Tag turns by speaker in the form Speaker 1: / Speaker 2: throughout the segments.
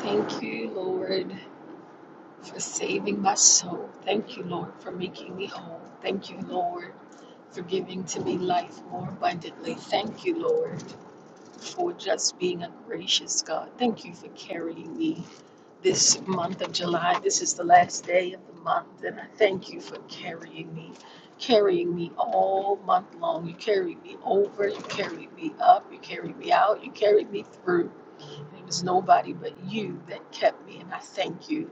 Speaker 1: Thank you, Lord, for saving my soul. Thank you, Lord, for making me whole. Thank you, Lord, for giving to me life more abundantly. Thank you, Lord, for just being a gracious God. Thank you for carrying me this month of July. This is the last day of the month, and I thank you for carrying me, carrying me all month long. You carried me over, you carried me up, you carried me out, you carried me through. It was nobody but you that kept me, and I thank you.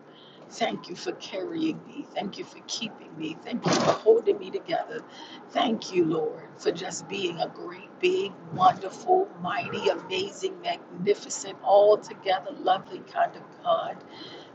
Speaker 1: Thank you for carrying me. Thank you for keeping me. Thank you for holding me together. Thank you, Lord, for just being a great, big, wonderful, mighty, amazing, magnificent, altogether lovely kind of God.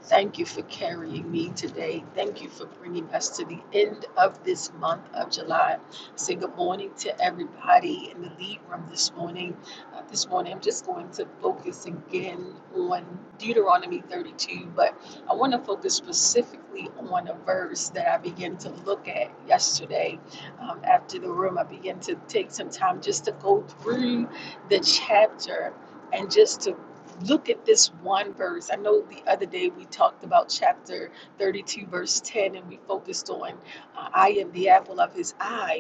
Speaker 1: Thank you for carrying me today. Thank you for bringing us to the end of this month of July. Say good morning to everybody in the lead room this morning. Uh, this morning, I'm just going to focus again on Deuteronomy 32, but I want to focus specifically on a verse that I began to look at yesterday um, after the room. I began to take some time just to go through the chapter. And just to look at this one verse. I know the other day we talked about chapter 32, verse 10, and we focused on uh, I am the apple of his eye.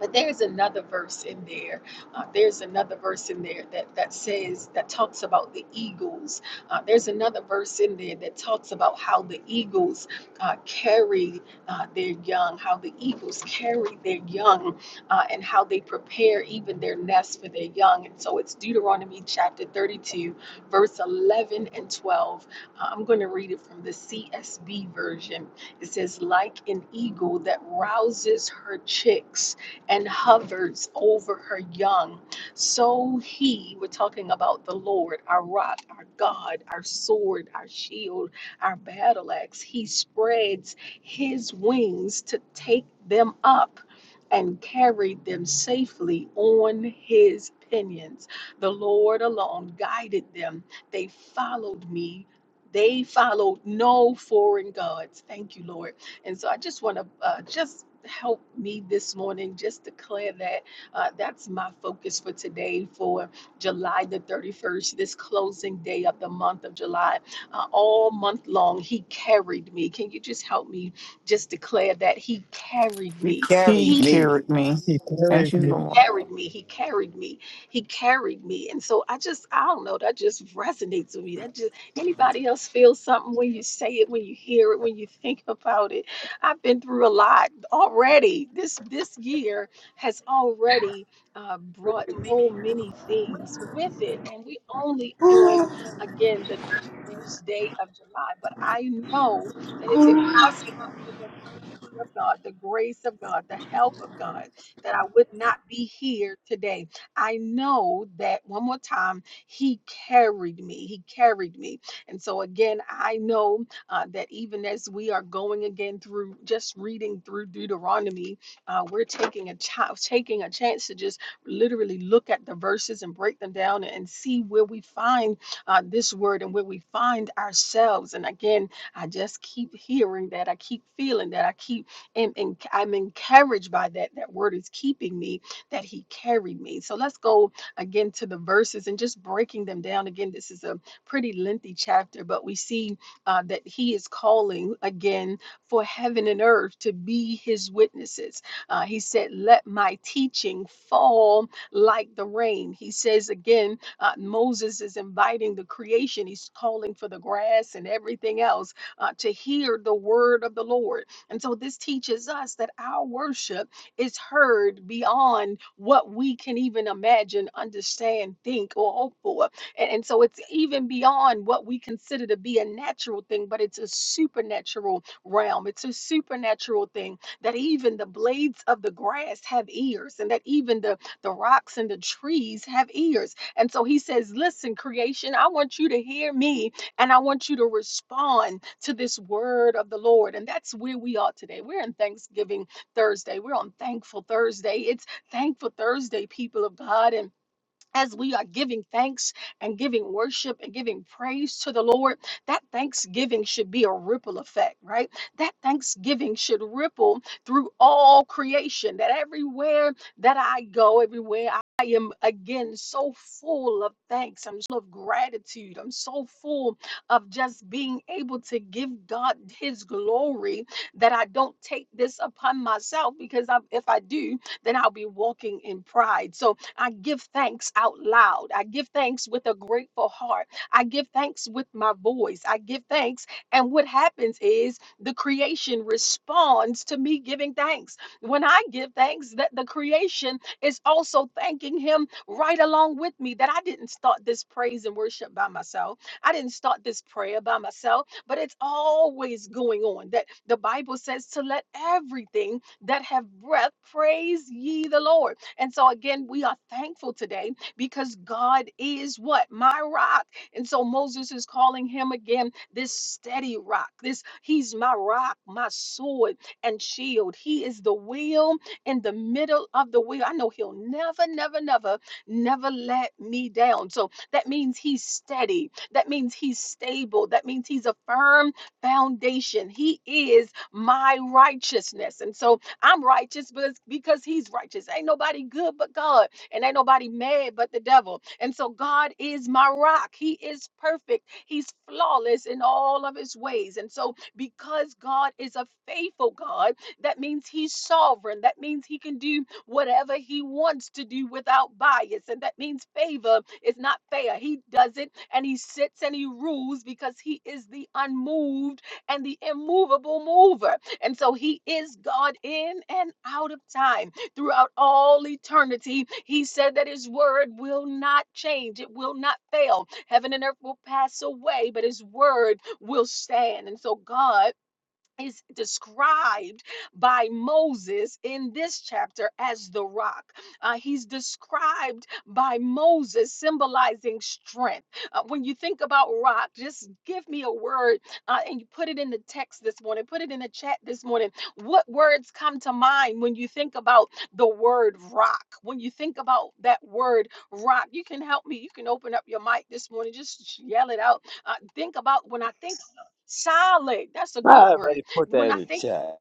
Speaker 1: But there's another verse in there. Uh, there's another verse in there that, that says, that talks about the eagles. Uh, there's another verse in there that talks about how the eagles uh, carry uh, their young, how the eagles carry their young, uh, and how they prepare even their nests for their young. And so it's Deuteronomy chapter 32, verse 11 and 12. Uh, I'm going to read it from the CSB version. It says, Like an eagle that rouses her chicks and hovers over her young. So he, we're talking about the Lord, our rock, our God, our sword, our shield, our battle axe, he spreads his wings to take them up and carried them safely on his pinions. The Lord alone guided them. They followed me. They followed no foreign gods. Thank you, Lord. And so I just want to uh, just help me this morning just declare that uh, that's my focus for today for July the 31st, this closing day of the month of July. Uh, all month long, He carried me. Can you just help me just declare that He carried
Speaker 2: He
Speaker 1: me?
Speaker 3: He
Speaker 1: He
Speaker 2: carried me.
Speaker 3: carried me.
Speaker 4: He carries
Speaker 3: Thank you,
Speaker 4: me.
Speaker 3: Lord.
Speaker 1: carried me. He carried me. He carried me. And so I just, I don't know, that just resonates with me. That just, anybody else feel something when you say it, when you hear it, when you think about it? I've been through a lot already. This, this year has already uh, brought so many things with it. And we only on, again, the first day of July. But I know that if it was not for the mercy of God, the grace of God, the help of God, that I would not be here today. I know that one more time, He carried me. He carried me. And so, again, I know uh, that even as we are going again through just reading through Deuteronomy, uh, we're taking a chi- taking a chance to just literally look at the verses and break them down and see where we find uh, this word and where we find ourselves. And again, I just keep hearing that. I keep feeling that. I keep am en- I'm encouraged by that. That word is keeping me, that he carried me. So let's go again to the verses and just breaking them down. Again, this is a pretty lengthy chapter, but we see uh, that he is calling again for heaven and earth to be his witnesses. Uh, he said, Let my teaching fall like the rain. He says again, uh, Moses is inviting the creation, he's calling for the grass and everything else uh, to hear the word of the Lord. And so this teaches us that our worship is heard beyond what we can even imagine, understand, think, or hope for. And, and so it's even beyond what we consider to be a natural thing, but it's a supernatural realm. It's a supernatural thing that even the blades of the grass have ears, and that even the, the rocks and the trees have ears. And so he says, Listen, creation, I want you to hear me and I want you to respond to this word of the Lord. And that's where we are today. We're in Thanksgiving Thursday. We're on Thankful Thursday. It's Thankful Thursday, people of God. And as we are giving thanks and giving worship and giving praise to the Lord, that thanksgiving should be a ripple effect, right? That thanksgiving should ripple through all creation, that everywhere that I go, everywhere I am again so full of thanks. I'm so full of gratitude. I'm so full of just being able to give God His glory that I don't take this upon myself because I, if I do, then I'll be walking in pride. So I give thanks out loud. I give thanks with a grateful heart. I give thanks with my voice. I give thanks. And what happens is the creation responds to me giving thanks. When I give thanks, that the creation is also thanking him right along with me. That I didn't start this praise and worship by myself. I didn't start this prayer by myself, but it's always going on. That the Bible says to let everything that have breath praise ye the Lord. And so, again, we are thankful today because God is what? My rock. And so, Moses is calling him again this steady rock. This, he's my rock, my sword, and shield. He is the wheel in the middle of the wheel. I know he'll never, never, never, never let me down. So, that means he's steady. That means he's stable. That means he's a firm foundation. He is my righteousness. And so, I'm righteous but it's because he's righteous. Ain't nobody good but God, and ain't nobody mad but the devil. And so God is my rock. He is perfect. He's flawless in all of his ways. And so because God is a faithful God, that means he's sovereign. That means he can do whatever he wants to do without bias. And that means favor is not fair. He does it and he sits and he rules because he is the unmoved and the immovable mover. And so he is God in and out of time throughout all eternity. He said that his word will not change, it will not fail. Heaven and earth will pass away, but his word will stand. And so, God, is described by Moses in this chapter as the rock. Uh, he's described by Moses symbolizing strength. Uh, when you think about rock, just give me a word uh, and you put it in the text this morning, put it in the chat this morning. What words come to mind when you think about the word rock? When you think about that word rock, you can help me. You can open up your mic this morning, just yell it out. Uh, think about when I think solid, that's a
Speaker 5: I
Speaker 1: good word
Speaker 5: already put that
Speaker 1: when
Speaker 5: in
Speaker 1: I
Speaker 5: the
Speaker 1: think
Speaker 5: chat.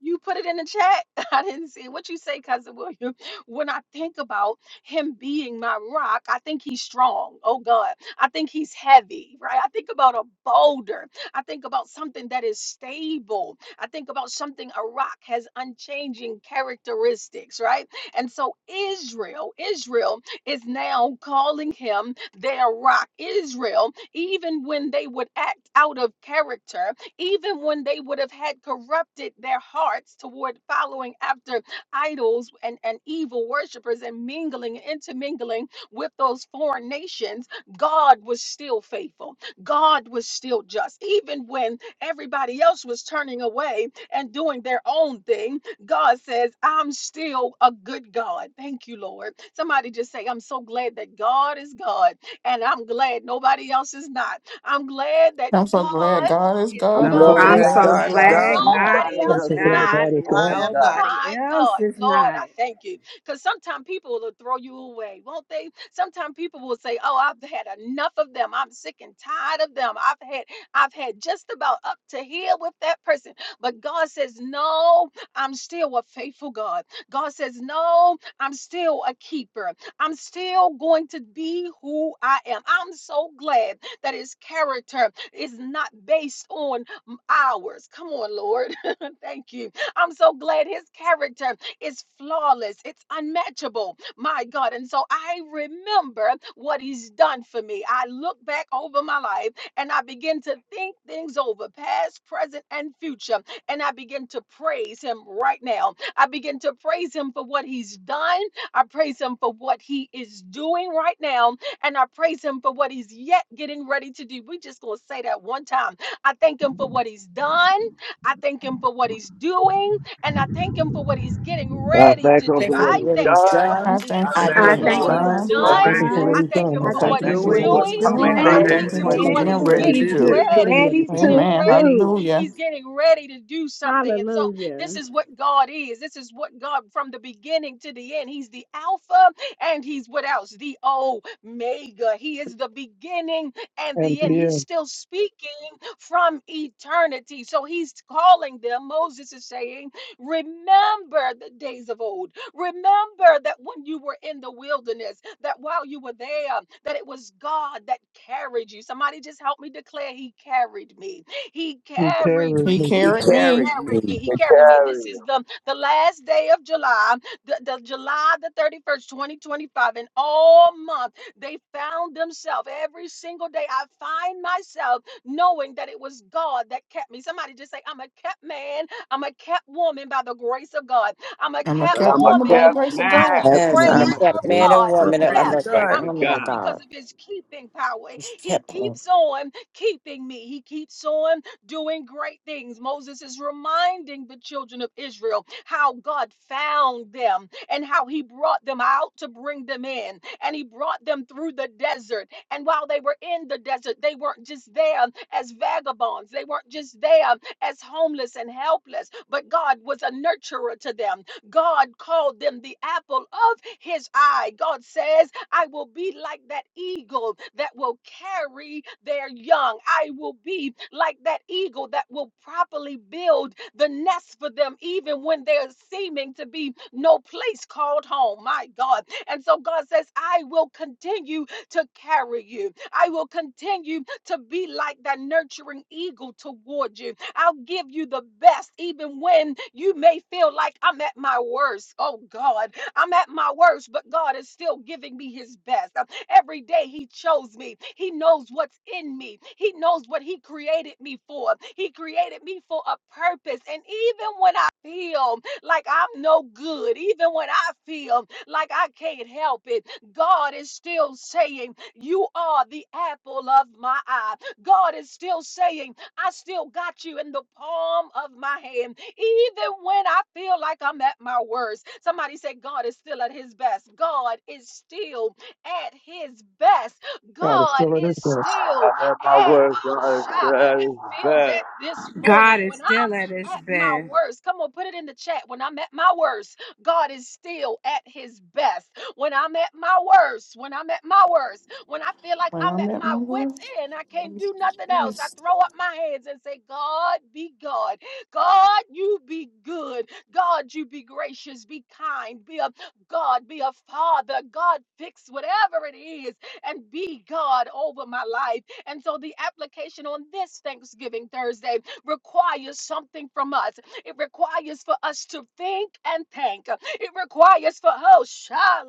Speaker 1: you put it in the chat, I didn't see what you say, cousin William. When I think about him being my rock, I think he's strong. Oh God, I think he's heavy, right? I think about a boulder. I think about something that is stable. I think about something a rock has unchanging characteristics, right? And so Israel, Israel is now calling him their rock. Israel, even when they would act out of character, even when they would have had corrupted their hearts toward following after idols and, and evil worshipers and mingling intermingling with those foreign nations, God was still faithful. God was still just. Even when everybody else was turning away and doing their own thing, God says, I'm still a good God. Thank you, Lord. Somebody just say, I'm so glad that God is God, and I'm glad nobody else is not. I'm glad that
Speaker 3: I'm so
Speaker 1: God.
Speaker 3: glad God is
Speaker 1: is.
Speaker 3: God,
Speaker 5: I'm
Speaker 6: And
Speaker 3: and
Speaker 6: I'm
Speaker 3: I'm
Speaker 6: so
Speaker 5: glad
Speaker 3: so
Speaker 1: God,
Speaker 7: I'm
Speaker 6: glad
Speaker 5: God,
Speaker 3: glad
Speaker 7: so
Speaker 6: God
Speaker 1: and
Speaker 6: is
Speaker 3: nobody
Speaker 5: God
Speaker 3: else
Speaker 5: that
Speaker 6: God.
Speaker 3: is
Speaker 7: glad
Speaker 3: not.
Speaker 7: God
Speaker 1: nobody
Speaker 5: nobody
Speaker 7: is
Speaker 4: I'm
Speaker 1: else
Speaker 5: else
Speaker 4: so
Speaker 1: is
Speaker 4: glad
Speaker 5: here
Speaker 1: not.
Speaker 5: but
Speaker 7: God
Speaker 4: God is
Speaker 7: and
Speaker 6: I
Speaker 4: God.
Speaker 5: only
Speaker 6: am
Speaker 5: God.
Speaker 6: not.
Speaker 7: nobody
Speaker 1: My
Speaker 7: else
Speaker 1: God,
Speaker 7: is
Speaker 1: Lord,
Speaker 7: not.
Speaker 1: I thank you. Because sometimes people will throw you away, won't they? Sometimes people will say, Oh, I've had enough of them. I'm sick and tired of them. I've had I've had just about up to here with that person. But God says, No, I'm still a faithful God. God says, No, I'm still a keeper. I'm still going to be who I am. I'm so glad that his character is not based on ours. Come on, Lord. Thank you I'm so glad his character is flawless, it's unmatchable, my God. And so I remember what he's done for me. I look back over my life and I begin to think things over, past, present, and future. And I begin to praise him right now. I begin to praise him for what he's done. I praise him for what he is doing right now. And I praise him for what he's yet getting ready to do. we just going to say that one time. I thank him for what he's done. I thank him for what he's doing, and I thank him for what he's getting
Speaker 5: I
Speaker 1: ready
Speaker 5: thank
Speaker 1: to
Speaker 5: Him
Speaker 1: do.
Speaker 5: for
Speaker 2: Thank him for
Speaker 5: what
Speaker 1: I
Speaker 5: He's
Speaker 2: what
Speaker 1: thank
Speaker 2: he's
Speaker 1: him,
Speaker 5: done.
Speaker 1: come on,
Speaker 2: done.
Speaker 3: I
Speaker 6: I
Speaker 5: I
Speaker 3: thank Him
Speaker 2: I
Speaker 1: Libram,
Speaker 6: think
Speaker 3: for
Speaker 5: thank Him
Speaker 7: I
Speaker 3: what
Speaker 6: what
Speaker 2: thank him
Speaker 1: for
Speaker 5: for
Speaker 6: is
Speaker 3: He's
Speaker 7: thank
Speaker 1: what
Speaker 5: what
Speaker 2: for
Speaker 7: Him for
Speaker 1: he's
Speaker 7: what
Speaker 3: done.
Speaker 5: He's
Speaker 6: done,
Speaker 1: done.
Speaker 7: He's
Speaker 4: I
Speaker 2: what
Speaker 6: I
Speaker 5: doing.
Speaker 4: thank
Speaker 2: he's
Speaker 4: him
Speaker 6: think
Speaker 4: for
Speaker 6: what
Speaker 2: doing,
Speaker 4: what
Speaker 1: I
Speaker 7: done.
Speaker 4: he's
Speaker 6: what
Speaker 2: and
Speaker 1: thank
Speaker 4: done.
Speaker 1: him
Speaker 3: I
Speaker 7: I
Speaker 5: And
Speaker 6: is
Speaker 4: I
Speaker 2: I
Speaker 1: for
Speaker 5: I
Speaker 2: thank
Speaker 4: thank
Speaker 1: what
Speaker 3: thank
Speaker 7: thank
Speaker 4: him
Speaker 7: Him
Speaker 5: thank
Speaker 2: him
Speaker 3: Him
Speaker 7: for
Speaker 1: he's
Speaker 5: you
Speaker 4: for
Speaker 3: for
Speaker 2: for
Speaker 7: what
Speaker 5: for
Speaker 4: what
Speaker 6: doing,
Speaker 3: what
Speaker 4: he's
Speaker 2: what
Speaker 7: He's
Speaker 5: what's
Speaker 3: He's
Speaker 1: doing,
Speaker 2: he's
Speaker 6: and
Speaker 5: coming
Speaker 6: I
Speaker 3: doing,
Speaker 2: getting
Speaker 3: and
Speaker 1: and I
Speaker 3: I
Speaker 6: think
Speaker 7: doing
Speaker 6: it
Speaker 2: ready
Speaker 3: thank
Speaker 5: ahead
Speaker 1: thank
Speaker 4: doing.
Speaker 6: what
Speaker 3: Him
Speaker 2: to
Speaker 4: And
Speaker 1: him
Speaker 3: for
Speaker 4: I
Speaker 3: what
Speaker 6: it's
Speaker 1: for
Speaker 3: He's
Speaker 4: thank
Speaker 2: do.
Speaker 1: what
Speaker 7: and
Speaker 4: him
Speaker 3: getting
Speaker 7: for
Speaker 1: he's
Speaker 4: for
Speaker 7: what
Speaker 3: ready
Speaker 4: what
Speaker 6: ready
Speaker 4: he's
Speaker 3: to
Speaker 7: He's
Speaker 1: getting
Speaker 6: to
Speaker 3: do.
Speaker 6: do.
Speaker 7: getting
Speaker 4: getting
Speaker 1: ready.
Speaker 4: ready
Speaker 7: ready
Speaker 1: He's
Speaker 4: to do.
Speaker 7: to
Speaker 1: getting
Speaker 3: Amen.
Speaker 1: ready.
Speaker 7: do.
Speaker 3: Hallelujah.
Speaker 1: He's getting ready to do something. And so this
Speaker 7: Hallelujah.
Speaker 1: is what God is. This is what God from the beginning to the end. He's the Alpha and He's what else? The Omega. He is the beginning and
Speaker 4: And
Speaker 1: the
Speaker 4: to the
Speaker 1: end. He's
Speaker 4: end,
Speaker 1: still speaking from eternity. So he's calling them. Moses is saying, Remember the days of old. Remember that when you were in the wilderness, that while you were there, that it was God that carried you. Somebody just help me declare, He carried me. He
Speaker 4: he
Speaker 1: carried
Speaker 4: carries
Speaker 3: He
Speaker 1: me.
Speaker 4: me.
Speaker 1: He
Speaker 6: He
Speaker 3: carried me.
Speaker 6: carried me.
Speaker 1: carried
Speaker 8: Hey,
Speaker 1: me. He
Speaker 5: to
Speaker 1: carried me.
Speaker 5: carry
Speaker 1: This
Speaker 5: you.
Speaker 1: is the, the last day of July, the, the July the 31st, 2025. And all month they found themselves. Every single day I find myself knowing that it was God that kept me. Somebody just say, I'm a kept man, I'm a kept woman by the grace of God. I'm a
Speaker 3: I'm a
Speaker 1: kept
Speaker 5: And
Speaker 3: kept
Speaker 5: I'm a
Speaker 3: woman by the
Speaker 1: woman
Speaker 5: kept
Speaker 3: grace of
Speaker 1: by the
Speaker 5: man
Speaker 3: God.
Speaker 8: happy
Speaker 9: Yes, I'm a
Speaker 6: I'm
Speaker 8: woman
Speaker 1: grace
Speaker 6: a
Speaker 8: by the
Speaker 1: of
Speaker 9: kept man
Speaker 8: grace
Speaker 9: and
Speaker 1: God. I'm
Speaker 9: woman.
Speaker 5: by
Speaker 6: grace
Speaker 9: I'm
Speaker 8: God.
Speaker 5: the
Speaker 6: of
Speaker 9: a
Speaker 1: kept.
Speaker 5: grace
Speaker 9: kept
Speaker 6: God.
Speaker 5: of
Speaker 1: I'm
Speaker 9: woman of
Speaker 1: kept
Speaker 5: God.
Speaker 1: because
Speaker 9: God.
Speaker 1: of his keeping power.
Speaker 9: He's
Speaker 1: He
Speaker 9: kept me.
Speaker 1: keeps on keeping me. He keeps on doing great things. Moses is reminding the children of Israel how God found them and how he brought them out to bring them in. And he brought them through the desert. And while they were in the desert, they weren't just there as vagabonds, they weren't just there as homeless and helpless, but God was a nurturer to them. God called them the apple of his eye. God says, I will be like that eagle that will carry their young. I will be like that eagle that will properly build the nest for them, even when there's seeming to be no place called home. My God. And so God says, I will continue to carry you. I will continue to be like that nurturing eagle toward you. I'll give you the best, even when you may feel like I'm at my worst. Oh, God. I'm at my worst, but God is still giving me his best. Uh, Every day he chose me. He knows what's in me. He knows what he created me for. He created me for a purpose. And even when I feel like I'm no good, even when I feel like I can't help it, God is still saying, You are the apple of my eye. God is still saying, I still got you in the palm of my hand, even when I feel like I'm at my worst. Somebody said, God is still at his best. God is still at his best.
Speaker 4: God is
Speaker 1: God
Speaker 4: still at his
Speaker 1: is
Speaker 4: best.
Speaker 5: I
Speaker 1: still
Speaker 5: have my
Speaker 1: at,
Speaker 5: words
Speaker 1: oh,
Speaker 5: on
Speaker 1: shot.
Speaker 5: as
Speaker 1: I feel that
Speaker 5: best.
Speaker 1: this morning
Speaker 7: God is
Speaker 1: when
Speaker 7: still at
Speaker 1: I'm
Speaker 7: His
Speaker 1: at my
Speaker 7: best.
Speaker 1: worst. Come on, put it in the chat. When I'm at my worst, God is still at his best when I'm at my worst, when I'm at my worst, when I feel like
Speaker 3: When
Speaker 1: I'm
Speaker 3: I'm
Speaker 1: at
Speaker 3: at
Speaker 1: my
Speaker 3: my
Speaker 1: wits'
Speaker 3: worst,
Speaker 1: end, I can't
Speaker 3: I'm
Speaker 1: do nothing else. I
Speaker 3: blessed.
Speaker 1: throw up my hands and say, God be God. God, you be good. God, you be gracious, be kind, be a God, be a father. God, fix whatever it is and be God over my life. And so the application on this Thanksgiving Thursday requires something from us. It requires for us to think and thank. It requires for oh shalandodobosia.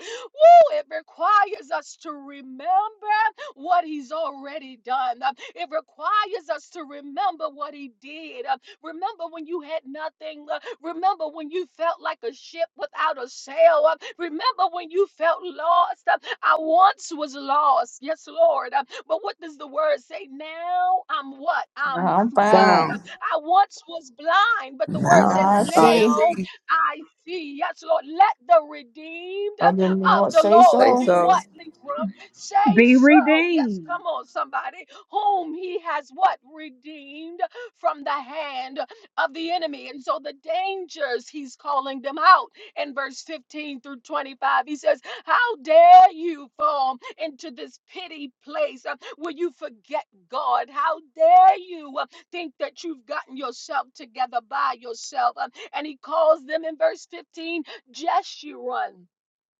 Speaker 1: Woo! It requires us to remember what He's already done. Um, It requires us to remember what He did. Um, Remember when you had nothing. Uh, Remember when you felt like a ship without a sail. Uh, Remember when you felt lost. Uh, I once was lost. Yes, Lord. But what does the word say? Now I'm what? I'm
Speaker 3: Now I'm
Speaker 1: found.
Speaker 6: Found.
Speaker 3: found.
Speaker 1: I once was blind, but the word
Speaker 6: Now
Speaker 3: Now
Speaker 1: says,
Speaker 3: I
Speaker 6: I
Speaker 3: see.
Speaker 1: Now
Speaker 6: see.
Speaker 1: I see. Yes, Lord. Let the redeemed
Speaker 3: Other than the
Speaker 1: of
Speaker 3: Lord
Speaker 1: the
Speaker 3: say
Speaker 1: Lord
Speaker 6: Say
Speaker 3: so.
Speaker 1: do what,
Speaker 6: so.
Speaker 1: Libra? Say
Speaker 7: Be
Speaker 1: so. Yes, come
Speaker 7: redeemed.
Speaker 1: on, somebody. Whom he has what? Redeemed from the hand of the enemy. And so the dangers, he's calling them out in verse 15 through 25. He says, How dare you fall into this pity place uh, where you forget God? How dare you uh, think that you've gotten yourself together by yourself? Uh, And he calls them in verse 15 Jeshurun.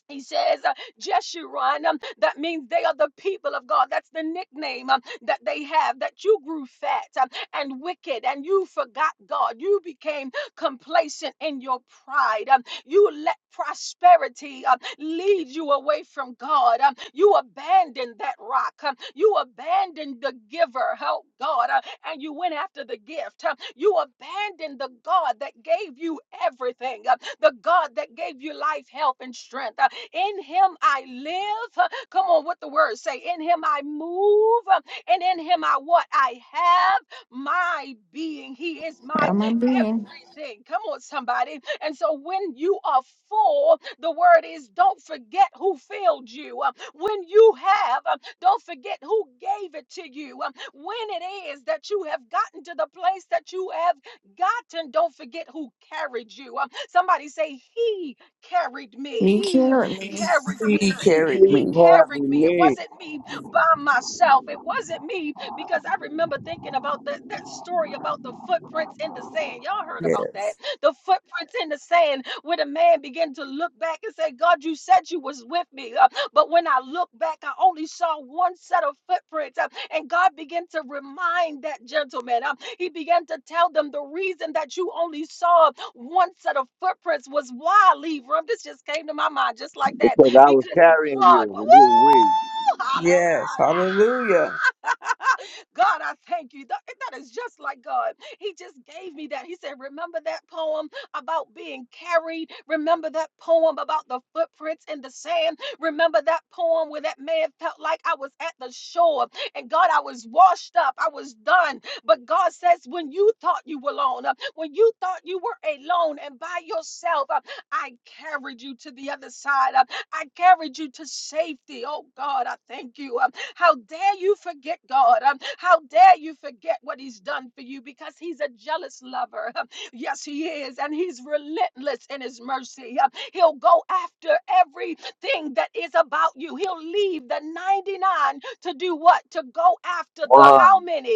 Speaker 1: He says, uh, Jeshurun, um, that means they are the people of God. That's the nickname um, that they have, that you grew fat um, and wicked and you forgot God. You became complacent in your pride. Um, you let prosperity um, lead you away from God. Um, you abandoned that rock. Um, you abandoned the giver, oh God. Uh, and you went after the gift. Uh, You abandoned the God that gave you everything, uh, the God that gave you life, health, and strength. Uh, In Him I live. Uh, Come on, what the words say. In Him I move, uh, and in Him I what I have my being. He is my
Speaker 3: Am I being?
Speaker 1: everything. Come on, somebody. And so when you are full, the word is don't forget who filled you. Um, When you have, um, don't forget who gave it to you. Um, When it is that you have gotten to the place that you have gotten, don't forget who carried you. Um, Somebody say, He carried me.
Speaker 3: He
Speaker 1: He
Speaker 3: carried me.
Speaker 1: carried
Speaker 6: He
Speaker 1: me. He,
Speaker 6: carried
Speaker 5: You
Speaker 1: he
Speaker 6: me.
Speaker 5: carried
Speaker 1: carried me. It
Speaker 5: me
Speaker 1: wasn't me by myself. It wasn't me because I remember thinking about that, that story about the footprints in the sand. Y'all heard about that.
Speaker 6: Yes.
Speaker 1: The footprints in the sand where the man began to look back and say, God, you said you was with me. Uh, but when I look back, I only saw one set of footprints. Uh, and God began to remind that gentleman. Um, he began to tell them the reason that you only saw one set of footprints was why, Libra. This just came to my mind just like that.
Speaker 5: because I was
Speaker 1: Because
Speaker 5: carrying
Speaker 1: God,
Speaker 5: you when you were weak.
Speaker 1: woo,
Speaker 6: Yes.
Speaker 1: hallelujah.
Speaker 6: Hallelujah.
Speaker 1: God, I thank you. That, that is just like God. He just gave me that. He said, Remember that poem about being carried? Remember that poem about the footprints in the sand? Remember that poem where that man felt like I was at the shore and God, I was washed up, I was done. But God says, When you thought you were alone, uh, when you thought you were alone and by yourself, uh, I carried you to the other side. uh, I carried you to safety. Oh God, I thank you. Um, How dare you forget God? Um, How dare you forget what He's done for you because He's a jealous lover. Um, Yes, He is. And He's relentless in His mercy. Um, He'll go after everything that is about you. He'll leave the 99 to do what? To go after the how
Speaker 5: One
Speaker 1: many?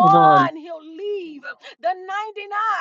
Speaker 4: Come on.
Speaker 1: he'll leave the 99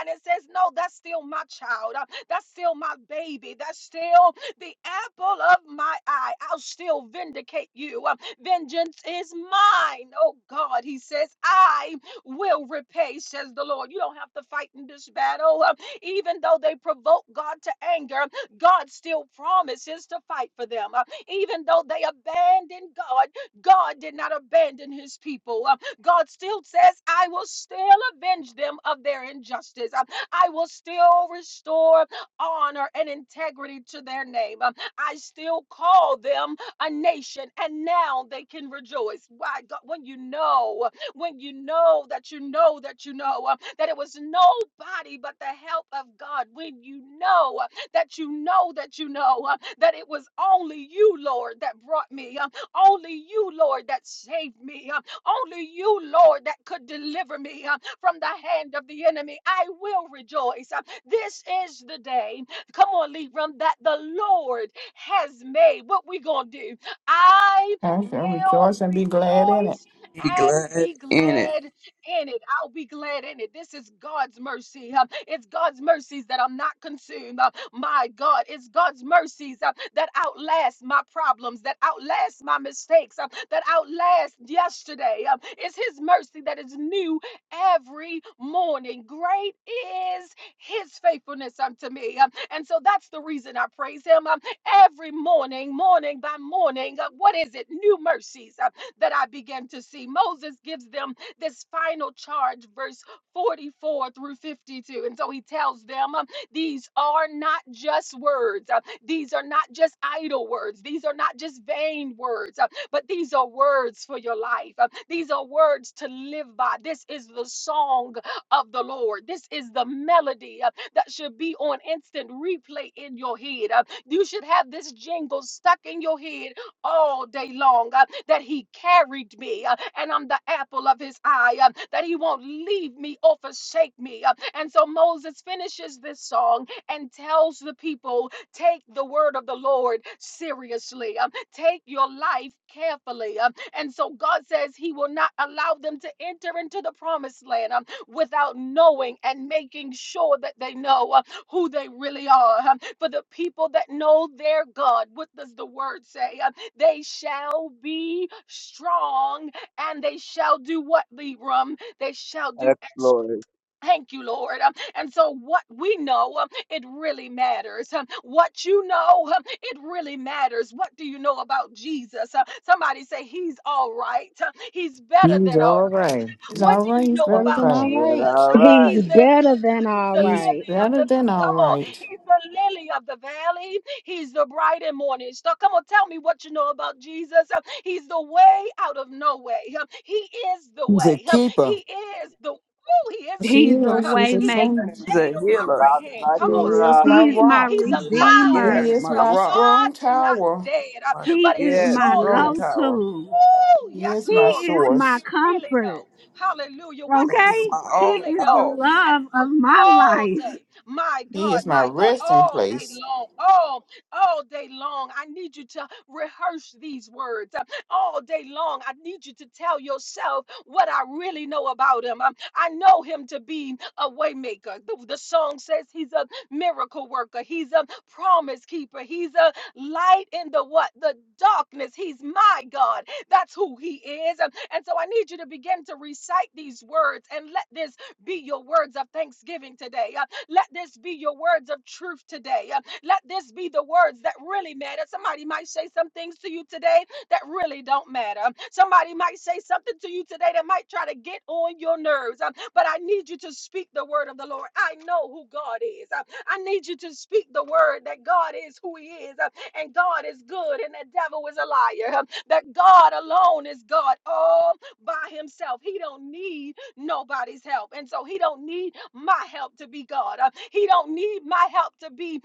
Speaker 1: and says, No, that's still my child. Uh, That's still my baby. That's still the apple of my eye. I'll still vindicate you. Uh, Vengeance is mine. Oh God, he says, I will repay, says the Lord. You don't have to fight in this battle. Uh, Even though they provoke God to anger, God still promises to fight for them. Uh, Even though they abandon God, God did not abandon his people. Uh, God still says, I will still avenge them of their injustice. Um, I will still restore honor and integrity to their name. Um, I still call them a nation, and now they can rejoice. Why, God, when you know, when you know that you know that you know um, that it was nobody but the help of God, when you know uh, that you know that you know uh, that it was only you, Lord, that brought me, um, only you, Lord, that saved me. um, only you, Lord, that could deliver me uh, from the hand of the enemy. I will rejoice. Uh, This is the day, come on, Libram, that the Lord has made. What we gonna do? I
Speaker 3: I shall
Speaker 1: will
Speaker 3: rejoice and be glad in it.
Speaker 1: rejoice
Speaker 6: He
Speaker 1: and
Speaker 6: glad
Speaker 1: be
Speaker 6: in it.
Speaker 1: glad in it. I'll be glad in it. This is God's mercy. Um, It's God's mercies that I'm not consumed. Uh, My God, it's God's mercies uh, that outlast my problems, that outlast my mistakes, uh, that outlast yesterday. Um, It's His mercy that is new every morning. Great is His faithfulness unto me. Um, And so that's the reason I praise Him Um, every morning, morning by morning. uh, What is it? New mercies uh, that I begin to see. Moses gives them this final charge, verse 44 through 52. And so he tells them, um, These are not just words. uh, these are not just idle words. These are not just vain words, uh, but these are words for your life. uh, these are words to live by. This is the song of the Lord. This is the melody uh, that should be on instant replay in your head. uh, you should have this jingle stuck in your head all day long, uh, that He carried me, uh, and I'm the apple of His eye, uh, that He won't leave me or forsake me. uh. And so Moses finishes this song and tells the people take the word of the Lord seriously, um, take your life carefully. um, And so God says He will not allow them to enter into the promised land um, without knowing and making sure that they know uh, who they really are. um, For the people that know their God, what does the word say? Um, they shall be strong and they shall do what, Libram? They shall do
Speaker 5: exploit.
Speaker 1: Thank you, Lord. Um, And so, what we know, um, it really matters. Um, What you know, um, it really matters. What do you know about Jesus? Uh, Somebody say, He's all right. Uh, He's better
Speaker 2: He's
Speaker 1: than all
Speaker 2: all
Speaker 1: right.
Speaker 2: right.
Speaker 3: He's
Speaker 2: He's
Speaker 1: What
Speaker 3: all
Speaker 1: do
Speaker 3: right.
Speaker 1: you
Speaker 3: He's
Speaker 1: know
Speaker 3: better
Speaker 2: all
Speaker 1: about
Speaker 3: than all
Speaker 2: right.
Speaker 5: Yeah,
Speaker 1: Jesus?
Speaker 3: right.
Speaker 5: all
Speaker 1: Uh,
Speaker 5: right.
Speaker 1: He's
Speaker 7: He's
Speaker 1: the, oh
Speaker 7: better than
Speaker 1: he's
Speaker 7: all
Speaker 1: the
Speaker 3: He's
Speaker 7: right.
Speaker 1: lily of
Speaker 3: better
Speaker 1: the
Speaker 3: than all
Speaker 1: Come on,
Speaker 3: right.
Speaker 1: he's the lily of the valley. He's the bright and morning star. Come on, tell me what you know about Jesus. Uh, He's the way out of no way. Um, He is the
Speaker 2: He's a
Speaker 1: way. Um,
Speaker 2: keeper.
Speaker 1: He is the way. Woo, he is the
Speaker 3: She
Speaker 7: He's a
Speaker 1: keeper.
Speaker 3: is.
Speaker 1: huh?
Speaker 3: She's a
Speaker 1: He is the
Speaker 3: son.
Speaker 7: waymaker.
Speaker 6: He's a
Speaker 1: shade on my
Speaker 5: I
Speaker 6: healer.
Speaker 1: right
Speaker 5: was
Speaker 1: hand.
Speaker 5: like a
Speaker 3: He
Speaker 1: Come on,
Speaker 5: rod.
Speaker 3: is my
Speaker 7: He's
Speaker 1: somebody.
Speaker 7: my
Speaker 3: rock.
Speaker 1: He's
Speaker 6: He's my
Speaker 1: alive and
Speaker 6: yes,
Speaker 3: He
Speaker 7: redeemer.
Speaker 1: he's
Speaker 3: is
Speaker 6: my
Speaker 1: well.
Speaker 3: my
Speaker 6: rock.
Speaker 3: strong
Speaker 1: God's not
Speaker 3: tower.
Speaker 1: dead, uh,
Speaker 6: My
Speaker 7: He
Speaker 1: but he's
Speaker 7: is
Speaker 3: Yes, he
Speaker 6: yes,
Speaker 7: my
Speaker 1: surely
Speaker 6: strong
Speaker 1: alive.
Speaker 3: is.
Speaker 6: tower.
Speaker 7: go-to.
Speaker 1: Ooh,
Speaker 3: He
Speaker 1: yes,
Speaker 3: is
Speaker 7: He
Speaker 3: my
Speaker 1: Lord.
Speaker 7: is
Speaker 1: What do
Speaker 7: my
Speaker 1: you
Speaker 3: source.
Speaker 1: really
Speaker 7: comfort.
Speaker 1: know? Hallelujah. What do
Speaker 6: He is
Speaker 1: you
Speaker 3: Yes.
Speaker 7: Okay?
Speaker 6: my
Speaker 7: He
Speaker 6: all
Speaker 1: really
Speaker 6: in
Speaker 7: is the
Speaker 1: know?
Speaker 6: all.
Speaker 1: And
Speaker 7: love
Speaker 1: so
Speaker 7: of my
Speaker 1: all
Speaker 7: life.
Speaker 1: day, my
Speaker 3: He is
Speaker 1: God,
Speaker 3: my
Speaker 1: my God,
Speaker 3: resting
Speaker 1: all day
Speaker 3: place.
Speaker 1: long, all, all day long, I need you to rehearse these words. Um, All day long, I need you to tell yourself what I really know about him. Um, I know him to be a waymaker. The, the song says he's a miracle worker. He's a promise keeper. He's a light in the what? The darkness. He's my God. That's who he is. And, and so I need you to begin to recite these words and let this be your words of thanksgiving today. Uh, let this be your words of truth today. Uh, let this be the words that really matter. Somebody might say some things to you today that really don't matter. Somebody might say something to you today that might try to get on your nerves. Um, but I need you to speak the word of the Lord. I know who God is. Um, I need you to speak the word that God is who He is, um, and God is good, and the devil is a liar that God alone is God all by himself. He don't need nobody's help. And so he don't need my help to be God. Uh, He don't need my help to be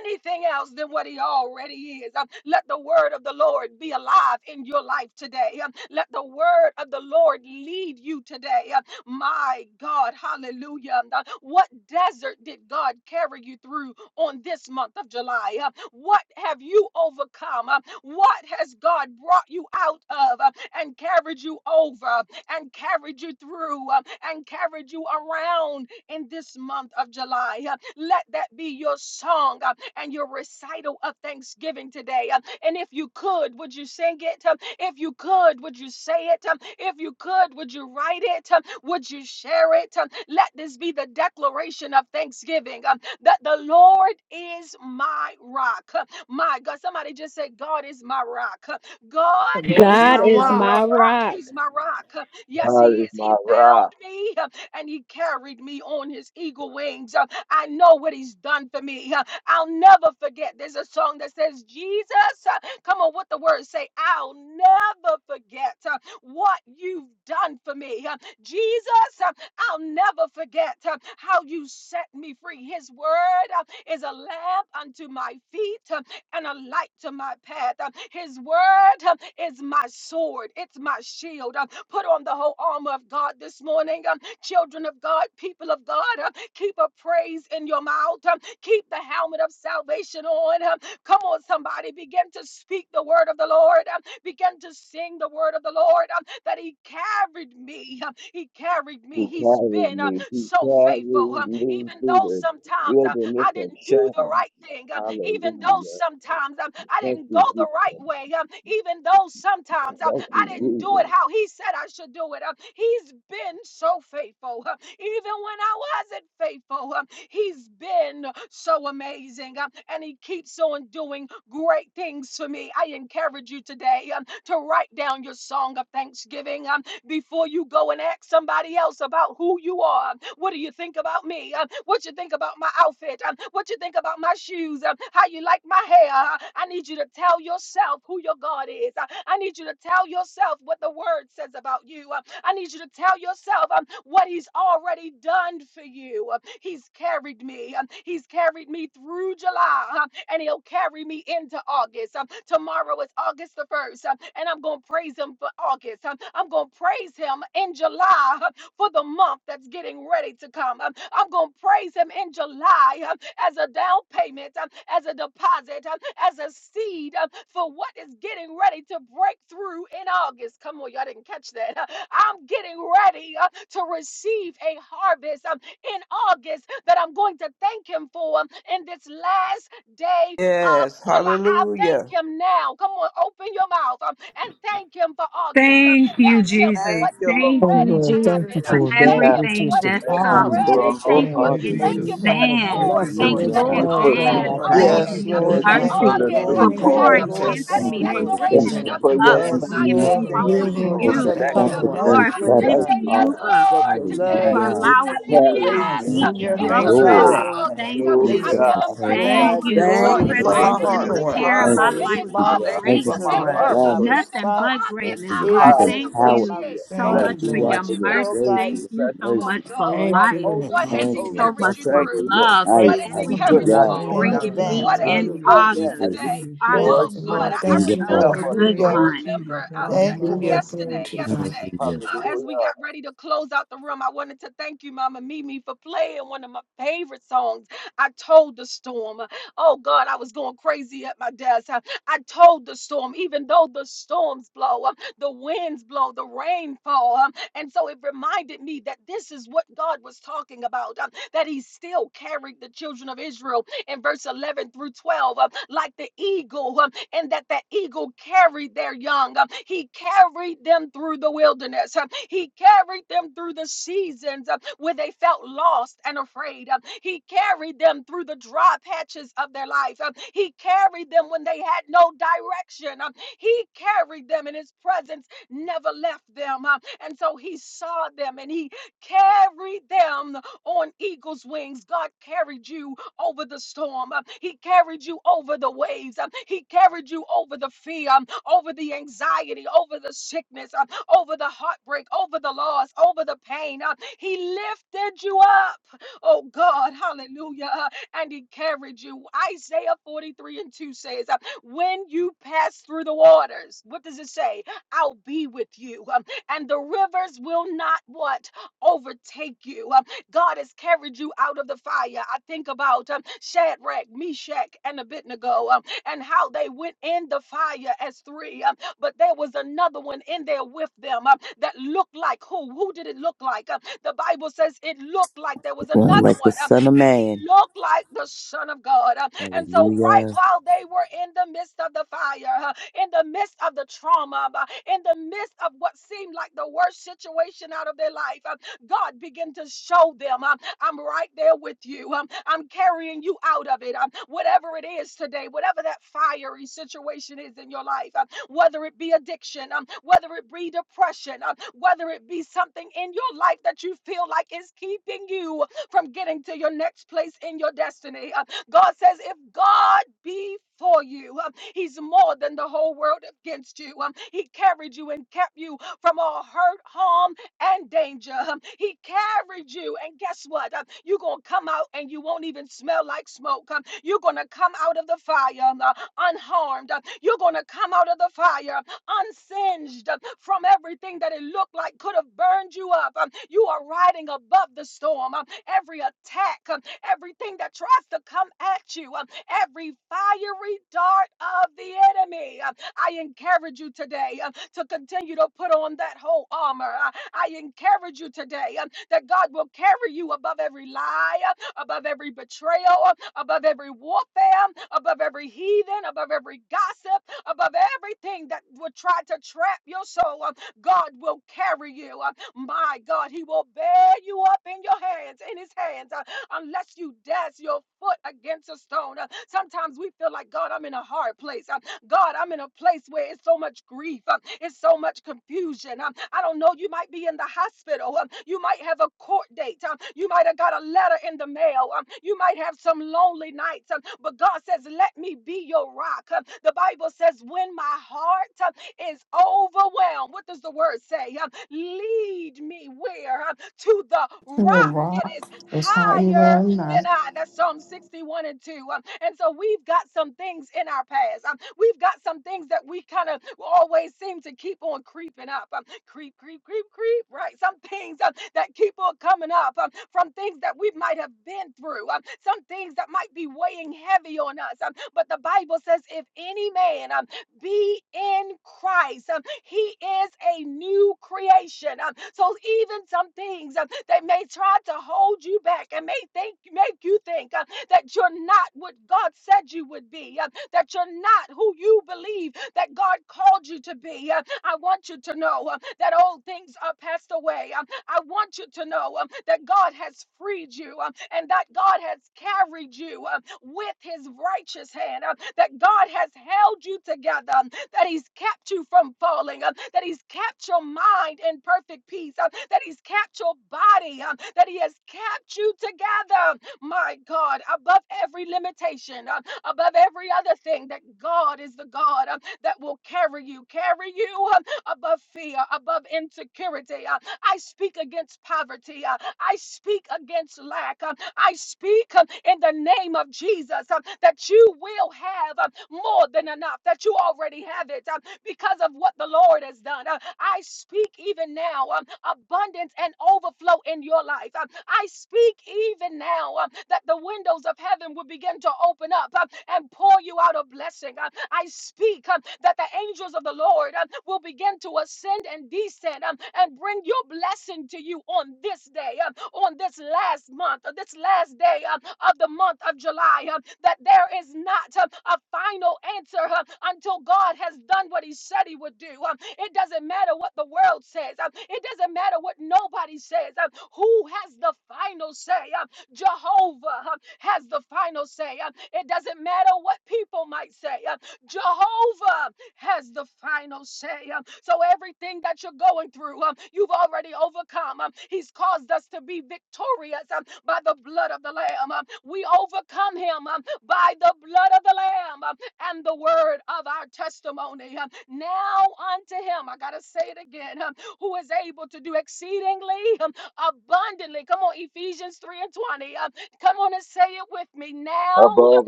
Speaker 1: anything else than what he already is. Um, Let the word of the Lord be alive in your life today. Um, Let the word of the Lord lead you today. Uh, My God, hallelujah. Uh, What desert did God carry you through? on this month of July? Uh, What have you overcome? Uh, What has God brought you out of uh, and carried you over and carried you through uh, and carried you around in this month of July? Uh, Let that be your song uh, and your recital of thanksgiving today. Uh, And if you could, would you sing it? Um, If you could, would you say it? Um, If you could, would you write it? Um, Would you share it? Um, Let this be the declaration of thanksgiving. Um, that the Lord is my rock. My God, somebody just said, God is my rock. God
Speaker 3: The Lord
Speaker 6: That
Speaker 3: is
Speaker 1: is
Speaker 6: is
Speaker 7: God
Speaker 3: my
Speaker 6: my
Speaker 7: is my
Speaker 3: rock.
Speaker 6: rock.
Speaker 1: rock.
Speaker 7: rock.
Speaker 1: He's my rock. Yes,
Speaker 5: God
Speaker 1: he
Speaker 5: is
Speaker 1: is. He
Speaker 5: my
Speaker 1: found
Speaker 5: rock.
Speaker 1: me uh, and he carried me on his eagle wings. Uh, I know what he's done for me. Uh, I'll never forget. There's a song that says, Jesus, uh, come on, what the words say, I'll never forget uh, what you've done for me. Uh, Jesus, uh, I'll never forget uh, how you set me free. His word uh, is a lamp unto my feet. uh, and a light to my path. Uh, His word uh, is my sword, it's my shield. Uh, Put on the whole armor of God this morning, um, children of God, people of God. uh, Keep a praise in your mouth, um, keep the helmet of salvation on. um, Come on, somebody, begin to speak the word of the Lord. Um, began to sing the word of the Lord um, that He carried me. um, he carried
Speaker 5: He
Speaker 1: me. He's
Speaker 5: carries
Speaker 1: been um,
Speaker 5: me. He
Speaker 1: so faithful.
Speaker 5: carries
Speaker 1: um,
Speaker 5: me
Speaker 1: even
Speaker 5: through
Speaker 1: though
Speaker 5: the
Speaker 1: sometimes um,
Speaker 5: wilderness
Speaker 1: I
Speaker 5: of
Speaker 1: didn't do the
Speaker 5: shame.
Speaker 1: right thing, um, even though
Speaker 5: Hallelujah.
Speaker 1: sometimes um, I
Speaker 5: Thank
Speaker 1: didn't go
Speaker 5: you,
Speaker 1: the
Speaker 5: Jesus.
Speaker 1: right way, um, even though sometimes um,
Speaker 5: Thank
Speaker 1: I
Speaker 5: you,
Speaker 1: didn't do it
Speaker 5: Jesus.
Speaker 1: how He said I should do it, um, He's been so faithful. um, even when I wasn't faithful, um, He's been so amazing. um, and He keeps on doing great things for me. I encourage you today um, to write down your song of thanksgiving um, before you go and ask somebody else about who you are. What do you think about me? Um, what you think about my outfit? Um, what you think about my shoes? Um, how you like my hair? Uh, I need you to tell yourself who your God is. Uh, I need you to tell yourself what the word says about you. Uh, I need you to tell yourself um, what he's already done for you. Uh, He's carried me. Um, He's carried me through July. Uh, and he'll carry me into August. Um, tomorrow is August the 1st, um, and I'm going to praise him for August. Um, I'm going to praise him in July uh, for the month that's getting ready to come. Um, I'm going to praise him in July uh, as a down payment, um, as a deposit, um, as a seed um, for what is getting ready to break through in August. Come on, y'all didn't catch that. Uh, I'm getting ready uh, to receive a harvest um, in August that I'm going to thank him for um, in this last day of
Speaker 6: Yes,
Speaker 1: July. I thank
Speaker 6: hallelujah.
Speaker 1: him now. Come on, open your mouth um, and thank him for August. Um,
Speaker 7: Thank you,
Speaker 1: thank him for
Speaker 7: Jesus.
Speaker 6: Thank
Speaker 1: what's
Speaker 6: you, Lord.
Speaker 1: getting
Speaker 2: Oh,
Speaker 7: Thank you,
Speaker 1: ready to
Speaker 2: Lord, thank
Speaker 7: Jesus,
Speaker 2: you
Speaker 1: happen. Um,
Speaker 7: for
Speaker 2: for that
Speaker 1: thank
Speaker 8: Hallelujah.
Speaker 1: him
Speaker 2: which
Speaker 1: for
Speaker 2: is
Speaker 7: everything
Speaker 1: what
Speaker 3: Thank
Speaker 2: to
Speaker 1: he's
Speaker 7: that's
Speaker 3: you,
Speaker 5: Thank
Speaker 1: getting
Speaker 8: Thank
Speaker 5: you
Speaker 3: Father.
Speaker 2: come.
Speaker 8: you,
Speaker 7: coming.
Speaker 5: for
Speaker 1: ready
Speaker 8: Lord,
Speaker 5: an
Speaker 3: Thank
Speaker 1: to
Speaker 3: you,
Speaker 8: for
Speaker 7: Thank
Speaker 4: Thank
Speaker 1: do.
Speaker 3: Lord.
Speaker 1: Um,
Speaker 7: you
Speaker 5: altar.
Speaker 4: you,
Speaker 2: You
Speaker 7: in
Speaker 2: know,
Speaker 8: August.
Speaker 1: thank him for
Speaker 4: Jesus.
Speaker 2: you're going
Speaker 1: the
Speaker 2: to
Speaker 10: Thank
Speaker 4: Thank
Speaker 7: advance.
Speaker 4: you,
Speaker 10: you,
Speaker 1: doors
Speaker 2: bless
Speaker 1: um,
Speaker 2: it
Speaker 3: Thank
Speaker 10: Lord.
Speaker 7: Thank
Speaker 3: you,
Speaker 7: you
Speaker 2: as
Speaker 1: that
Speaker 4: Jesus.
Speaker 5: Thank
Speaker 7: in
Speaker 8: Hallelujah.
Speaker 1: he's
Speaker 3: Lord.
Speaker 5: you
Speaker 2: well,
Speaker 5: for
Speaker 3: Thank
Speaker 5: the
Speaker 3: you,
Speaker 4: Thank
Speaker 5: new
Speaker 1: already
Speaker 10: No
Speaker 7: advance
Speaker 2: God.
Speaker 3: Lord.
Speaker 10: matter
Speaker 2: I
Speaker 7: for
Speaker 5: time.
Speaker 10: what.
Speaker 2: thank you
Speaker 11: Yes,
Speaker 7: giving
Speaker 1: opened.
Speaker 7: me
Speaker 1: Um,
Speaker 2: for it,
Speaker 5: Thank
Speaker 11: Lord.
Speaker 1: that
Speaker 5: you
Speaker 2: God.
Speaker 11: Thank
Speaker 5: for
Speaker 7: mercy,
Speaker 11: you,
Speaker 5: the
Speaker 8: Thank
Speaker 1: August
Speaker 5: new
Speaker 4: you,
Speaker 1: um,
Speaker 7: for
Speaker 11: Lord.
Speaker 8: you.
Speaker 3: Thank you,
Speaker 11: Thank
Speaker 1: has
Speaker 11: you,
Speaker 1: a
Speaker 5: call.
Speaker 7: pouring
Speaker 11: Lord.
Speaker 7: into
Speaker 11: Thank
Speaker 3: Jesus.
Speaker 1: prophetic
Speaker 8: Thank
Speaker 11: you,
Speaker 8: you
Speaker 7: me,
Speaker 4: Father.
Speaker 8: for
Speaker 7: for
Speaker 8: the
Speaker 11: Lord.
Speaker 3: Thank you,
Speaker 5: Thank
Speaker 7: lifting
Speaker 1: declaration
Speaker 8: finish.
Speaker 5: you
Speaker 3: Lord.
Speaker 1: um,
Speaker 7: me
Speaker 5: for
Speaker 4: Lord
Speaker 5: your
Speaker 7: up,
Speaker 1: with
Speaker 7: for
Speaker 8: Thank
Speaker 11: Yes,
Speaker 1: my
Speaker 7: bringing
Speaker 8: you
Speaker 7: me
Speaker 11: Lord.
Speaker 1: name
Speaker 5: faithfulness,
Speaker 11: Thank
Speaker 7: closer
Speaker 1: on
Speaker 11: you
Speaker 7: to
Speaker 11: for
Speaker 1: it.
Speaker 2: you,
Speaker 3: Thank
Speaker 8: for
Speaker 5: Lord.
Speaker 3: you.
Speaker 11: this
Speaker 7: you,
Speaker 5: Thank
Speaker 3: Thank you,
Speaker 1: Hallelujah.
Speaker 4: God,
Speaker 11: upcoming
Speaker 5: you,
Speaker 8: productive,
Speaker 3: Lord.
Speaker 11: month,
Speaker 5: thank
Speaker 7: Lord,
Speaker 1: Somebody
Speaker 7: for
Speaker 5: you,
Speaker 11: Lord
Speaker 1: just
Speaker 5: thank
Speaker 8: incredible
Speaker 11: God.
Speaker 1: say
Speaker 7: lifting
Speaker 5: you,
Speaker 1: yes,
Speaker 7: you
Speaker 5: God.
Speaker 7: up.
Speaker 8: August.
Speaker 11: That
Speaker 1: Lord,
Speaker 11: your love,
Speaker 1: today.
Speaker 7: for
Speaker 5: Thank
Speaker 1: Um,
Speaker 11: your
Speaker 5: you
Speaker 8: Hallelujah.
Speaker 5: for
Speaker 11: peace,
Speaker 1: Tell
Speaker 7: allowing
Speaker 11: your
Speaker 1: him
Speaker 7: me to
Speaker 5: carrying
Speaker 1: yes
Speaker 5: me.
Speaker 11: grace,
Speaker 7: be
Speaker 8: Thank
Speaker 1: uh,
Speaker 7: in
Speaker 3: Hallelujah.
Speaker 8: you,
Speaker 1: in
Speaker 7: your
Speaker 11: Lord
Speaker 3: Thank you,
Speaker 1: July
Speaker 11: God,
Speaker 8: Lord.
Speaker 1: for
Speaker 3: Lord.
Speaker 7: presence.
Speaker 11: your
Speaker 1: August.
Speaker 7: Thank
Speaker 1: Um,
Speaker 8: Who
Speaker 1: I
Speaker 7: you.
Speaker 8: set
Speaker 5: Hallelujah.
Speaker 1: tell
Speaker 8: the
Speaker 1: him
Speaker 11: patience,
Speaker 1: right
Speaker 11: Lord
Speaker 1: now.
Speaker 8: person
Speaker 7: Thank
Speaker 11: God,
Speaker 3: Thank
Speaker 8: to
Speaker 11: is
Speaker 3: you,
Speaker 7: you
Speaker 8: the
Speaker 11: going to
Speaker 7: for
Speaker 11: be
Speaker 1: God,
Speaker 3: Lord.
Speaker 6: Thank you
Speaker 1: it's
Speaker 6: for
Speaker 5: Seamless
Speaker 8: further.
Speaker 6: my
Speaker 7: prepping
Speaker 3: Thank
Speaker 1: August
Speaker 3: you,
Speaker 7: and
Speaker 1: is
Speaker 11: illuminated.
Speaker 1: a
Speaker 6: harvest.
Speaker 3: Lord.
Speaker 5: transfer.
Speaker 1: yes.
Speaker 7: preparing
Speaker 11: And
Speaker 1: Um,
Speaker 8: Thank
Speaker 11: my
Speaker 7: my
Speaker 1: If
Speaker 8: you
Speaker 7: life
Speaker 1: it's
Speaker 6: Hallelujah.
Speaker 8: for
Speaker 7: for
Speaker 8: your
Speaker 5: Hallelujah.
Speaker 11: response
Speaker 1: August,
Speaker 6: Thank you
Speaker 11: is
Speaker 1: it's
Speaker 6: for
Speaker 1: a
Speaker 3: Yes,
Speaker 8: presence, your
Speaker 6: my
Speaker 7: greatness.
Speaker 1: thank
Speaker 3: God.
Speaker 1: you.
Speaker 11: surrender.
Speaker 1: Um,
Speaker 11: My
Speaker 8: breath,
Speaker 6: harvest.
Speaker 5: transfer.
Speaker 1: If it's
Speaker 7: Nothing
Speaker 1: for
Speaker 7: but
Speaker 11: response
Speaker 8: and
Speaker 1: August,
Speaker 8: for
Speaker 7: greatness,
Speaker 1: I
Speaker 8: your
Speaker 7: God.
Speaker 11: is
Speaker 8: keeping
Speaker 1: already
Speaker 11: yes,
Speaker 7: Thank
Speaker 11: God.
Speaker 8: power.
Speaker 7: you
Speaker 11: My
Speaker 1: appreciate
Speaker 5: Hallelujah.
Speaker 7: so
Speaker 5: bless,
Speaker 3: Thank you,
Speaker 7: much
Speaker 11: response,
Speaker 7: for
Speaker 5: us.
Speaker 8: Hallelujah.
Speaker 3: Lord.
Speaker 7: your
Speaker 1: what
Speaker 8: For
Speaker 1: you've
Speaker 8: your
Speaker 5: bless,
Speaker 1: done
Speaker 11: Lord
Speaker 7: mercy.
Speaker 1: for
Speaker 8: grace,
Speaker 11: God,
Speaker 8: for
Speaker 1: me.
Speaker 7: Thank
Speaker 8: your
Speaker 11: is
Speaker 7: you
Speaker 5: Blessing.
Speaker 7: so
Speaker 1: Oh
Speaker 8: mercy.
Speaker 7: much for
Speaker 11: to
Speaker 1: God,
Speaker 3: Thank
Speaker 11: walk
Speaker 3: you,
Speaker 7: life.
Speaker 5: Thank
Speaker 3: Lord
Speaker 11: holy,
Speaker 5: you,
Speaker 1: what
Speaker 11: be
Speaker 3: God.
Speaker 1: has
Speaker 7: Thank
Speaker 8: plans
Speaker 1: He
Speaker 7: you
Speaker 8: and your
Speaker 7: so
Speaker 11: holy,
Speaker 5: Jesus.
Speaker 1: carried
Speaker 7: much
Speaker 1: you
Speaker 7: for
Speaker 8: destiny
Speaker 5: Thank
Speaker 1: through?
Speaker 8: for
Speaker 5: you, Lord.
Speaker 8: my
Speaker 7: love and
Speaker 1: What
Speaker 8: life.
Speaker 1: has He
Speaker 11: praising
Speaker 4: glory
Speaker 3: Look at
Speaker 5: Could
Speaker 4: to
Speaker 7: everything
Speaker 1: carried
Speaker 11: you
Speaker 1: you
Speaker 4: your
Speaker 3: it,
Speaker 7: that
Speaker 5: not
Speaker 8: Hallelujah.
Speaker 3: God.
Speaker 5: do
Speaker 7: you're
Speaker 5: it
Speaker 4: name,
Speaker 11: in
Speaker 1: over?
Speaker 3: Thank
Speaker 5: without
Speaker 3: you,
Speaker 4: God.
Speaker 5: you,
Speaker 7: bringing
Speaker 3: God.
Speaker 7: me
Speaker 11: advance.
Speaker 1: What has
Speaker 5: Jesus.
Speaker 1: He
Speaker 7: in
Speaker 4: Hallelujah
Speaker 1: told you
Speaker 11: Hallelujah.
Speaker 7: August.
Speaker 8: Jesus.
Speaker 4: to
Speaker 1: today?
Speaker 5: Hallelujah.
Speaker 4: you,
Speaker 7: August
Speaker 5: Lord,
Speaker 7: is
Speaker 1: Oh
Speaker 11: praising
Speaker 3: Wonderful,
Speaker 4: Jesus.
Speaker 11: you
Speaker 7: going
Speaker 11: in
Speaker 1: God,
Speaker 7: to
Speaker 3: Lord.
Speaker 1: I, I
Speaker 7: be
Speaker 3: Thank you,
Speaker 11: advance.
Speaker 7: a
Speaker 8: Hallelujah.
Speaker 4: I
Speaker 5: help
Speaker 1: remember.
Speaker 3: Lord.
Speaker 4: give
Speaker 5: us,
Speaker 7: good
Speaker 1: I
Speaker 11: Hallelujah.
Speaker 5: Lord.
Speaker 4: praises
Speaker 7: month.
Speaker 4: to
Speaker 1: remember
Speaker 4: you,
Speaker 1: uh,
Speaker 4: Heavenly
Speaker 1: that
Speaker 11: Thank you,
Speaker 5: Keep
Speaker 4: Father.
Speaker 3: Hallelujah.
Speaker 5: us,
Speaker 11: Lord.
Speaker 3: Glory
Speaker 1: yesterday,
Speaker 3: to
Speaker 5: Jesus.
Speaker 3: you, God.
Speaker 1: yesterday,
Speaker 8: Hallelujah.
Speaker 1: uh, as we
Speaker 5: Hallelujah.
Speaker 1: got ready to close out the room, I wanted to thank you, Mama Mimi, for playing one of my favorite songs. I told the storm. Oh God, I was going crazy at my desk. I, I told the storm, even though the storms blow, uh, the winds blow, the rain fall. uh, and so it reminded me that this is what God was talking about, um, that he still carried the children of Israel in verse 11 through 12, um, like the eagle, um, and that the eagle carried their young. um, he carried them through the wilderness. um, he carried them through the seasons um, where they felt lost and afraid. um, he carried them through the dry patches of their life. um, he carried them when they had no direction. um, he carried them, and his presence never left them. um, and so he saw them and he carried them on eagle's wings. God carried you over the storm. Uh, He carried you over the waves. Uh, He carried you over the fear, um, over the anxiety, over the sickness, uh, over the heartbreak, over the loss, over the pain. Uh, He lifted you up. Oh God, hallelujah. Uh, And he carried you. Isaiah 43 and 2 says, uh, When you pass through the waters, what does it say? I'll be with you. Um, and the rivers will not what overtake you. Um, God has carried you out of the fire. I think about um, Shadrach, Meshach, and Abednego um, and how they went in the fire as three, um, but there was another one in there with them um, that looked like who? Who did it look like? Um, the Bible says it looked like there was
Speaker 8: Well,
Speaker 1: another
Speaker 8: like
Speaker 1: one,
Speaker 8: the
Speaker 1: um,
Speaker 8: Son of
Speaker 1: and he
Speaker 8: Man.
Speaker 1: looked like the Son of God. Um, and so, right
Speaker 8: Hallelujah.
Speaker 1: while they were in the midst of the fire, uh, in the midst of the trauma, uh, in the midst of what seemed like the worst situation out of their life. uh, God began to show them, um, I'm right there with you. Um, I'm carrying you out of it. Um, whatever it is today, whatever that fiery situation is in your life, um, whether it be addiction, um, whether it be depression, um, whether it be something in your life that you feel like is keeping you from getting to your next place in your destiny. Uh, God says, if God be for you, um, he's more than the whole world against you. Um, He carried you and kept you from all hurt, harm, and danger. Um, He carried you, and guess what? Um, You're going to come out and you won't even smell like smoke. Um, You're going to come out of the fire um, uh, unharmed. Um, You're going to come out of the fire unsinged from everything that it looked like could have burned you up. Um, You are riding above the storm. Um, Every attack, um, everything that tries to come at you, um, every fiery dart of the enemy. Um, I encourage you today um, to continue to put on that whole armor. I I encourage you today um, that God will carry you above every lie. uh, above every betrayal, above every warfare, above every heathen, above every gossip, above everything that would try to trap your soul. uh, God will carry you. uh, My God, He will bear you up in your hands, in His hands, uh, unless you dash your foot against a stone. Uh, Sometimes we feel like, God, I'm in a hard place. Uh, God, I'm in a place where it's so much grief, um, it's so much confusion. Um, I don't know, you might be in the hospital, um, you might have a court date, um, you might have got a letter in the mail, um, you might have some lonely nights, um, but God says, Let me be your rock. Um, the Bible says, When my heart um, is overwhelmed, what does the word say? Um, lead me where? Um, to the
Speaker 3: To the
Speaker 1: rock that is
Speaker 3: rock is higher
Speaker 1: higher
Speaker 3: than I.
Speaker 1: and I. That's Psalm 61 and 2. Um, and so we've got some things in our past. Um, we've got some things that we kind of always seem to keep on creeping up. Um, creep, creep, creep, creep, right? Some things um, that keep on coming up um, from things that we might have been through, um, some things that might be weighing heavy on us. Um, but the Bible says, if any man um, be in Christ. Um, he is a new creation. Um, so even some things um, that may try to hold you back and may think make you think uh, that you're not what God said you would be, uh, that you're not who you believe that God called you to be. Uh, I want you to know uh, that old things are passed away. Um, I want you to know um, that God has freed you um, and that God has carried you um, with his righteous hand, um, that God has held you together, um, that He's kept you from falling, uh, that He's kept your mind in perfect peace, uh, that He's kept your body, uh, that He has kept you together, my God, above every limitation, uh, above every other thing, that God is the God uh, that will carry you, carry you uh, above fear, above insecurity, uh, I speak against poverty. uh, I speak against lack. uh, I speak uh, in the name of Jesus uh, that you will have uh, more than enough, that you already have it uh, because of what the Lord has done. Uh, I speak even now um, abundance and overflow in your life. Uh, I speak even now uh, that the windows of heaven will begin to open up uh, and pour you out a blessing. Uh, I I speak um, that the angels of the Lord um, will begin to ascend and descend um, and bring your blessing to you on this day, um, on this last month, or this last day um, of the month of July. um, That there is not um, a final answer um, until God has done what He said He would do. um, It doesn't matter what the world says, um, it doesn't matter what nobody says. um, Who has the final say? um, Jehovah um, has the final say. um, It doesn't matter what people might say. Um, Jehovah has the final say. Um, So everything that you're going through, um, you've already overcome. Um, He's caused us to be victorious um, by the blood of the Lamb. Um, We overcome him um, by the blood of the Lamb um, and the word of our testimony. Um, Now unto him, I got to say it again, um, who is able to do exceedingly um, abundantly. Come on, Ephesians 3 and 20. um, Come on and say it with me now
Speaker 5: Above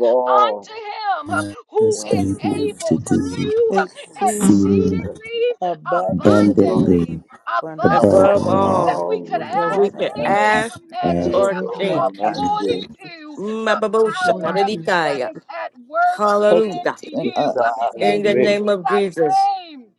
Speaker 1: unto
Speaker 5: all.
Speaker 1: him um, who
Speaker 8: Is
Speaker 5: Thank
Speaker 1: is
Speaker 8: able to
Speaker 1: able to
Speaker 8: do
Speaker 1: do um,
Speaker 5: you,
Speaker 11: Exceedingly
Speaker 8: exceedingly
Speaker 5: Jesus.
Speaker 1: exceedingly
Speaker 5: Above,
Speaker 11: abundantly
Speaker 8: abundantly
Speaker 1: abundantly above
Speaker 11: and
Speaker 6: Abundantly
Speaker 8: above
Speaker 5: above
Speaker 9: Above
Speaker 6: of
Speaker 1: all
Speaker 8: all
Speaker 1: that
Speaker 9: all
Speaker 6: all
Speaker 1: we
Speaker 5: all.
Speaker 1: could
Speaker 5: we
Speaker 6: rookies
Speaker 9: that
Speaker 6: we
Speaker 9: we
Speaker 1: ask,
Speaker 6: can
Speaker 9: can
Speaker 6: have.
Speaker 1: think,
Speaker 5: Ask,
Speaker 1: or
Speaker 9: ask
Speaker 5: dear
Speaker 1: imagine,
Speaker 4: Ask
Speaker 8: as
Speaker 9: or
Speaker 1: um,
Speaker 4: or
Speaker 9: think.
Speaker 4: think
Speaker 5: Lord, I
Speaker 1: according
Speaker 5: just
Speaker 1: to the
Speaker 5: put
Speaker 1: power
Speaker 4: according
Speaker 1: um,
Speaker 5: you
Speaker 4: to,
Speaker 1: that
Speaker 9: Mababoshakaradikaya.
Speaker 1: is at work
Speaker 9: Hallelujah.
Speaker 1: in you.
Speaker 11: uh,
Speaker 1: Um,
Speaker 5: beside of
Speaker 9: In
Speaker 1: In
Speaker 9: the
Speaker 4: hallelujah.
Speaker 9: name
Speaker 5: me.
Speaker 9: of
Speaker 1: Jesus'
Speaker 9: Jesus.
Speaker 1: name.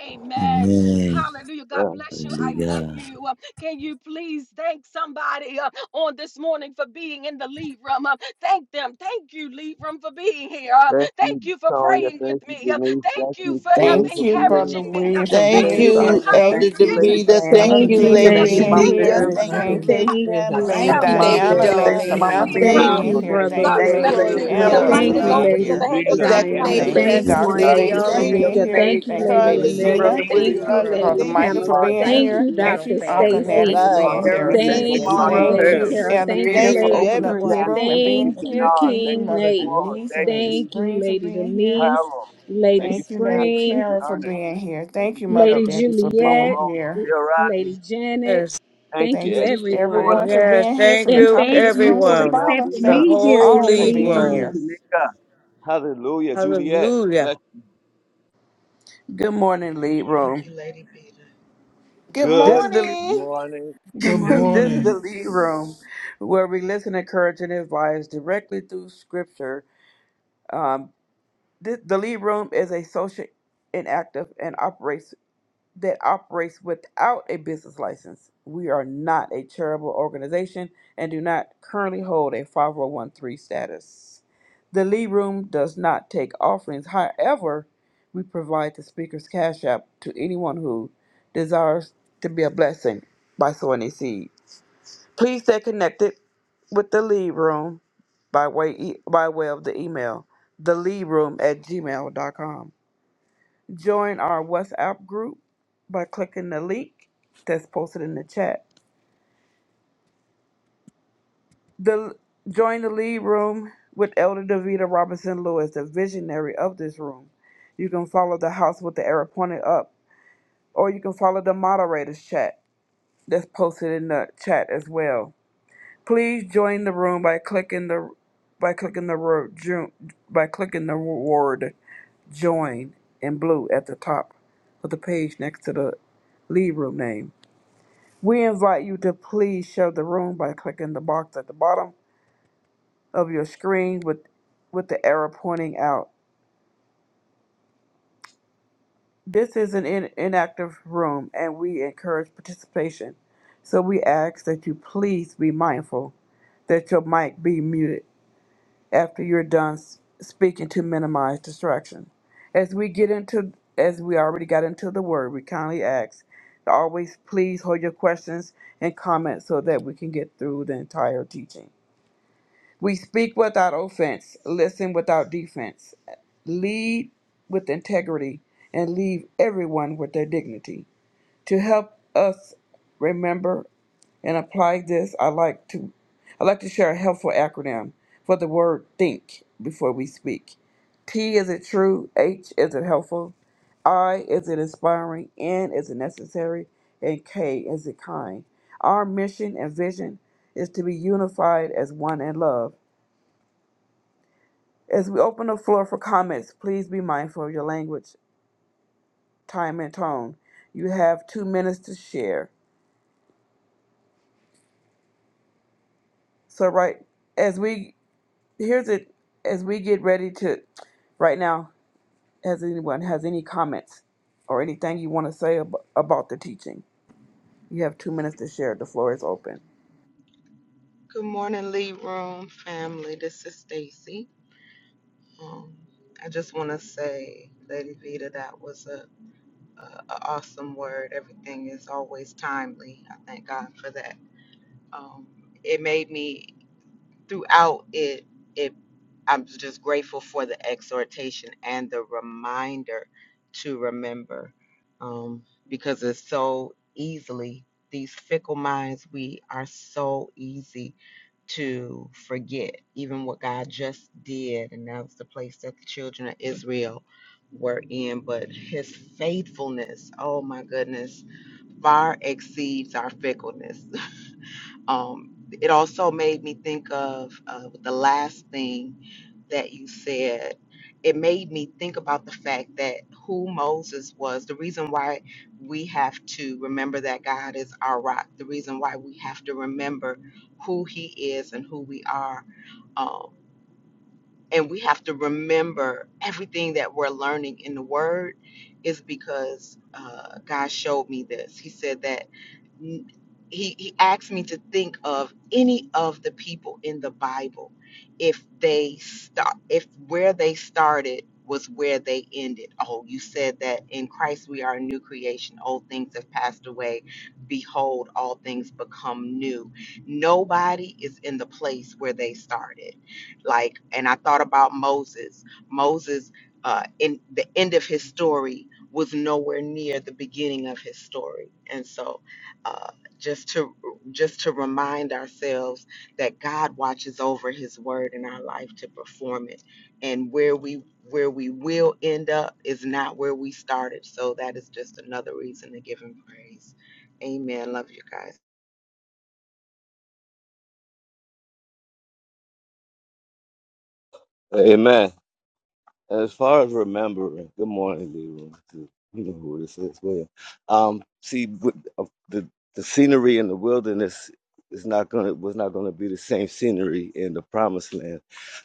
Speaker 1: Amen.
Speaker 8: Amen.
Speaker 1: Hallelujah. God bless you. I love
Speaker 8: Hallelujah.
Speaker 1: you. Uh, Can you please thank somebody uh, on this morning for being in the lead room? Uh, Thank them. Thank you, lead room, for being here. Uh,
Speaker 5: Thank you,
Speaker 1: Thank you for
Speaker 5: Tonya.
Speaker 1: praying with
Speaker 5: Thank you,
Speaker 1: me. Uh,
Speaker 5: Denise. Thank
Speaker 1: Thank you
Speaker 5: you,
Speaker 1: for uh,
Speaker 5: Spring,
Speaker 3: Thank
Speaker 5: for
Speaker 3: you,
Speaker 5: being
Speaker 3: Brother
Speaker 1: encouraging
Speaker 5: here.
Speaker 1: me. Uh,
Speaker 3: William, for
Speaker 6: Thank you,
Speaker 11: thank
Speaker 1: Thank
Speaker 6: Lady
Speaker 1: you
Speaker 3: being
Speaker 1: for
Speaker 3: here.
Speaker 11: you,
Speaker 6: Sonia.
Speaker 1: covering
Speaker 11: Elder
Speaker 6: Thank
Speaker 1: me.
Speaker 3: Thank
Speaker 6: you,
Speaker 1: Thank you
Speaker 6: Lady
Speaker 3: you,
Speaker 1: for
Speaker 11: Davida.
Speaker 6: Pam.
Speaker 4: Thank
Speaker 11: Thank
Speaker 3: Brother
Speaker 4: you
Speaker 7: Thank
Speaker 1: singing
Speaker 11: you,
Speaker 4: for
Speaker 1: to
Speaker 7: you,
Speaker 3: Gene, for
Speaker 1: me.
Speaker 11: Lady
Speaker 4: being
Speaker 1: Uh,
Speaker 6: Thank
Speaker 7: Lady
Speaker 6: you,
Speaker 3: being
Speaker 4: here.
Speaker 6: Mama
Speaker 1: Thank
Speaker 11: Shanika.
Speaker 1: you
Speaker 3: here.
Speaker 7: Vita.
Speaker 10: Thank
Speaker 1: for
Speaker 11: Thank
Speaker 6: Denise.
Speaker 4: Thank
Speaker 11: you,
Speaker 1: letting
Speaker 10: you.
Speaker 3: Thank
Speaker 4: you
Speaker 11: Lady
Speaker 3: you,
Speaker 7: Thank
Speaker 10: It has
Speaker 7: you,
Speaker 11: Pamela,
Speaker 1: us
Speaker 3: Lady
Speaker 2: Thank
Speaker 6: Thank
Speaker 1: know.
Speaker 6: you,
Speaker 2: you,
Speaker 11: Lady
Speaker 10: none.
Speaker 6: Mom
Speaker 4: Thank
Speaker 2: Lady
Speaker 7: Lady
Speaker 3: Diana,
Speaker 4: you.
Speaker 6: Deb. Thank
Speaker 3: Lady
Speaker 11: Zena.
Speaker 6: you,
Speaker 7: Vita.
Speaker 1: Here,
Speaker 6: Mama
Speaker 5: Thank
Speaker 2: Darlene
Speaker 3: Samantha,
Speaker 1: lead
Speaker 3: for
Speaker 5: you,
Speaker 11: Thank
Speaker 7: Thank
Speaker 6: Mimi.
Speaker 1: room.
Speaker 3: being
Speaker 7: you,
Speaker 5: Uncle
Speaker 11: you,
Speaker 3: here.
Speaker 5: Nanny.
Speaker 3: Thank
Speaker 7: Brother
Speaker 1: God
Speaker 2: and
Speaker 3: you,
Speaker 11: Miss
Speaker 6: Thank you,
Speaker 3: Lady
Speaker 2: Lady
Speaker 1: bless
Speaker 6: Lady
Speaker 11: Chloe
Speaker 7: William.
Speaker 1: you.
Speaker 5: Thank
Speaker 2: Amber
Speaker 1: The
Speaker 11: Blake.
Speaker 6: Vita.
Speaker 3: Pamela,
Speaker 1: mic
Speaker 3: for
Speaker 7: Thank
Speaker 1: is
Speaker 7: you,
Speaker 5: you,
Speaker 11: Thank
Speaker 2: Bola.
Speaker 1: over
Speaker 3: being
Speaker 1: to
Speaker 7: Lady
Speaker 3: here.
Speaker 1: the
Speaker 11: you,
Speaker 1: hands of
Speaker 5: Zena.
Speaker 1: the
Speaker 2: Thank
Speaker 1: lead
Speaker 2: you,
Speaker 11: Exactly
Speaker 5: Thank
Speaker 6: Thank
Speaker 7: Diana.
Speaker 11: News
Speaker 6: you,
Speaker 2: Lady
Speaker 1: moderator.
Speaker 3: Thank
Speaker 5: you,
Speaker 3: you,
Speaker 7: Thank
Speaker 11: News.
Speaker 6: Lady
Speaker 2: Bessie
Speaker 7: you,
Speaker 2: and
Speaker 3: Dr.
Speaker 6: Spring.
Speaker 2: Lady
Speaker 12: Thank
Speaker 7: Lady
Speaker 5: Dr.
Speaker 3: Stacy, for
Speaker 6: Thank
Speaker 12: y'all
Speaker 11: Thank
Speaker 6: you,
Speaker 12: for
Speaker 6: Elder
Speaker 3: being
Speaker 11: you,
Speaker 7: Shamika.
Speaker 2: Irene.
Speaker 12: waking
Speaker 3: here.
Speaker 12: up
Speaker 7: Thank
Speaker 6: Nate.
Speaker 7: you,
Speaker 3: Thank
Speaker 6: Thank
Speaker 3: you,
Speaker 12: early
Speaker 6: you,
Speaker 7: Lady
Speaker 12: with
Speaker 3: Lady
Speaker 6: Li-
Speaker 12: a
Speaker 11: Charlie,
Speaker 2: Being
Speaker 12: song
Speaker 2: in
Speaker 7: Amelia.
Speaker 12: in
Speaker 3: Zena,
Speaker 6: Brother
Speaker 2: the
Speaker 12: your
Speaker 5: Anderson.
Speaker 11: Lady
Speaker 7: Thank
Speaker 6: William.
Speaker 12: mouth.
Speaker 2: lead
Speaker 7: you,
Speaker 11: Charlie.
Speaker 3: Brother
Speaker 7: Lady
Speaker 2: room.
Speaker 11: Thank
Speaker 5: Thank you,
Speaker 3: Michael,
Speaker 11: you,
Speaker 3: for
Speaker 5: Ma
Speaker 7: Pamela.
Speaker 3: being
Speaker 2: Thank
Speaker 7: Thank
Speaker 5: Debbie.
Speaker 2: you,
Speaker 3: here.
Speaker 7: you,
Speaker 2: Lead
Speaker 6: Thank
Speaker 3: Thank
Speaker 2: Room
Speaker 7: Dr.
Speaker 3: you,
Speaker 6: you, Lord.
Speaker 3: Uncle
Speaker 6: Thank
Speaker 2: family.
Speaker 11: Lord
Speaker 13: Thank
Speaker 3: Natty,
Speaker 5: Thank
Speaker 7: Stacy.
Speaker 3: for
Speaker 13: you,
Speaker 5: you,
Speaker 11: God,
Speaker 6: you,
Speaker 3: being
Speaker 5: Auntie
Speaker 13: Lord,
Speaker 6: Harold.
Speaker 2: Being
Speaker 3: here.
Speaker 5: Amelia.
Speaker 6: Thank
Speaker 2: here
Speaker 13: for
Speaker 5: Thank
Speaker 6: you,
Speaker 7: Thank
Speaker 5: you,
Speaker 2: as
Speaker 6: Mama
Speaker 11: Cindy,
Speaker 7: you,
Speaker 5: Auntie
Speaker 3: Thank
Speaker 7: Lady
Speaker 6: Rose,
Speaker 5: Pam.
Speaker 2: always.
Speaker 3: you,
Speaker 7: Carol.
Speaker 6: for
Speaker 3: Elder
Speaker 7: Thank
Speaker 6: being
Speaker 7: you,
Speaker 3: Vita,
Speaker 11: thank
Speaker 3: for
Speaker 6: here.
Speaker 11: you,
Speaker 5: Thank
Speaker 7: Lady
Speaker 3: opening
Speaker 5: you,
Speaker 3: up this
Speaker 7: Sonia.
Speaker 11: everyone.
Speaker 5: Janet.
Speaker 3: room and
Speaker 5: Thank you,
Speaker 7: Thank
Speaker 3: being
Speaker 13: today.
Speaker 7: you,
Speaker 3: here.
Speaker 5: Dayan.
Speaker 3: Thank you,
Speaker 5: Thank
Speaker 7: King
Speaker 5: you,
Speaker 3: Mother
Speaker 7: Nate.
Speaker 5: Flora.
Speaker 3: Denise and
Speaker 5: Thank
Speaker 3: Lady
Speaker 5: you,
Speaker 7: Thank you,
Speaker 3: Spring, for
Speaker 7: Lady
Speaker 3: being here.
Speaker 7: Denise,
Speaker 5: Harold.
Speaker 7: Lady
Speaker 5: Thank you,
Speaker 3: Thank you, Lady
Speaker 5: Samantha.
Speaker 7: Spring.
Speaker 5: Thank you,
Speaker 3: Kara, for
Speaker 5: Ernest.
Speaker 3: being here.
Speaker 5: Thank
Speaker 3: Thank
Speaker 5: you,
Speaker 3: you, Mother
Speaker 7: Lady
Speaker 5: Kiara.
Speaker 3: Debbie,
Speaker 5: Thank you,
Speaker 3: for
Speaker 5: Mama
Speaker 3: being
Speaker 7: Juliet,
Speaker 5: Rose.
Speaker 3: here.
Speaker 5: Still
Speaker 7: Lady
Speaker 5: rising.
Speaker 7: Janet,
Speaker 9: Yes.
Speaker 5: Thank
Speaker 7: thank
Speaker 5: you,
Speaker 7: you,
Speaker 3: Thank
Speaker 5: Ed.
Speaker 3: you,
Speaker 5: Thank you,
Speaker 7: everyone.
Speaker 3: everyone, for
Speaker 5: Portman.
Speaker 9: Yes.
Speaker 3: being here
Speaker 9: Thank
Speaker 3: from the
Speaker 7: And
Speaker 9: you,
Speaker 3: top of
Speaker 7: thank
Speaker 3: this
Speaker 7: you
Speaker 3: room to
Speaker 5: Thank
Speaker 7: for
Speaker 3: the
Speaker 5: you,
Speaker 9: everyone.
Speaker 3: bottom.
Speaker 7: accepting
Speaker 5: Melvina.
Speaker 9: The
Speaker 3: Thank
Speaker 7: me
Speaker 3: you
Speaker 7: here
Speaker 9: whole
Speaker 7: in
Speaker 3: all
Speaker 7: the
Speaker 3: for
Speaker 5: Thank
Speaker 9: league
Speaker 5: you,
Speaker 7: lead
Speaker 3: being
Speaker 5: Cousin
Speaker 9: room.
Speaker 3: here.
Speaker 7: room.
Speaker 5: Tanika. Hallelujah, Juliet.
Speaker 9: Hallelujah.
Speaker 5: Bless
Speaker 6: Good morning, lead
Speaker 12: Thank
Speaker 6: room.
Speaker 12: you, Lady Beta.
Speaker 5: you.
Speaker 3: Good
Speaker 6: This
Speaker 5: Good
Speaker 6: is the
Speaker 3: morning.
Speaker 5: morning.
Speaker 14: Good
Speaker 4: Good
Speaker 6: this is the
Speaker 14: morning.
Speaker 4: morning.
Speaker 6: lead room where we listen, encourage, and advise directly through scripture. This, the lead room is a social inactive and operates that operates without a business license. We are not a charitable organization and do not currently hold a 5013 status. The Lee Room does not take offerings. However, we provide the speaker's cash app to anyone who desires to be a blessing by sowing a seed. Please stay connected with the Lee Room by way, e, by way of the email, theleadroom at gmail.com. Join our WhatsApp group by clicking the link that's posted in the chat. The join the lead room with Elder Davita Robinson Lewis, the visionary of this room. You can follow the house with the arrow pointed up, or you can follow the moderator's chat that's posted in the chat as well. Please join the room by clicking the by clicking the word join by clicking the word join in blue at the top of the page next to the lead room name. We invite you to please share the room by clicking the box at the bottom of your screen with, with the arrow pointing out. This is an in, inactive room and we encourage participation. So we ask that you please be mindful that your mic be muted after you're done s- speaking to minimize distraction. As we get into, as we already got into the word, we kindly ask to always please hold your questions and comments so that we can get through the entire teaching. We speak without offense, listen without defense, lead with integrity, and leave everyone with their dignity. To help us remember and apply this, I like to I like to share a helpful acronym for the word think before we speak. T is it true, H is it helpful, I is it inspiring, N is it necessary, and K is it kind. Our mission and vision is to be unified as one in love as we open the floor for comments, please be mindful of your language, time, and tone. You have two minutes to share. So right as we here's it as we get ready to right now, has anyone has any comments or anything you want to say ab- about the teaching? You have two minutes to share. The floor is open.
Speaker 12: Good morning, Lead Room family. This is Stacy. Um, I just want to say, Lady Vita, that was a, a, a awesome word. Everything is always timely. I thank God for that. Um, it made me. throughout it, it I'm just grateful for the exhortation and the reminder to remember, um, because it's so easily these fickle minds. We are so easy to forget even what God just did, and that was the place that the children of Israel were in. But His faithfulness, oh my goodness, far exceeds our fickleness. Um, it also made me think of uh, the last thing that you said. It made me think about the fact that who Moses was, the reason why we have to remember that God is our rock, the reason why we have to remember who he is and who we are. Um, and we have to remember everything that we're learning in the word is because uh, God showed me this. He said that n- he, he asked me to think of any of the people in the Bible if they start if where they started was where they ended. Oh, you said that in Christ we are a new creation. Old things have passed away. Behold, all things become new. Nobody is in the place where they started. Like, and I thought about Moses. Moses, uh, in the end of his story was nowhere near the beginning of his story. And so uh, just to just to remind ourselves that God watches over His word in our life to perform it, and where we where we will end up is not where we started. So that is just another reason to give Him praise. Amen. Love you guys.
Speaker 5: Amen. As far as remembering, good morning, Leroy. too. You know who this is. Well, yeah. um, see, with, uh, the the scenery in the wilderness is not gonna was not gonna be the same scenery in the promised land.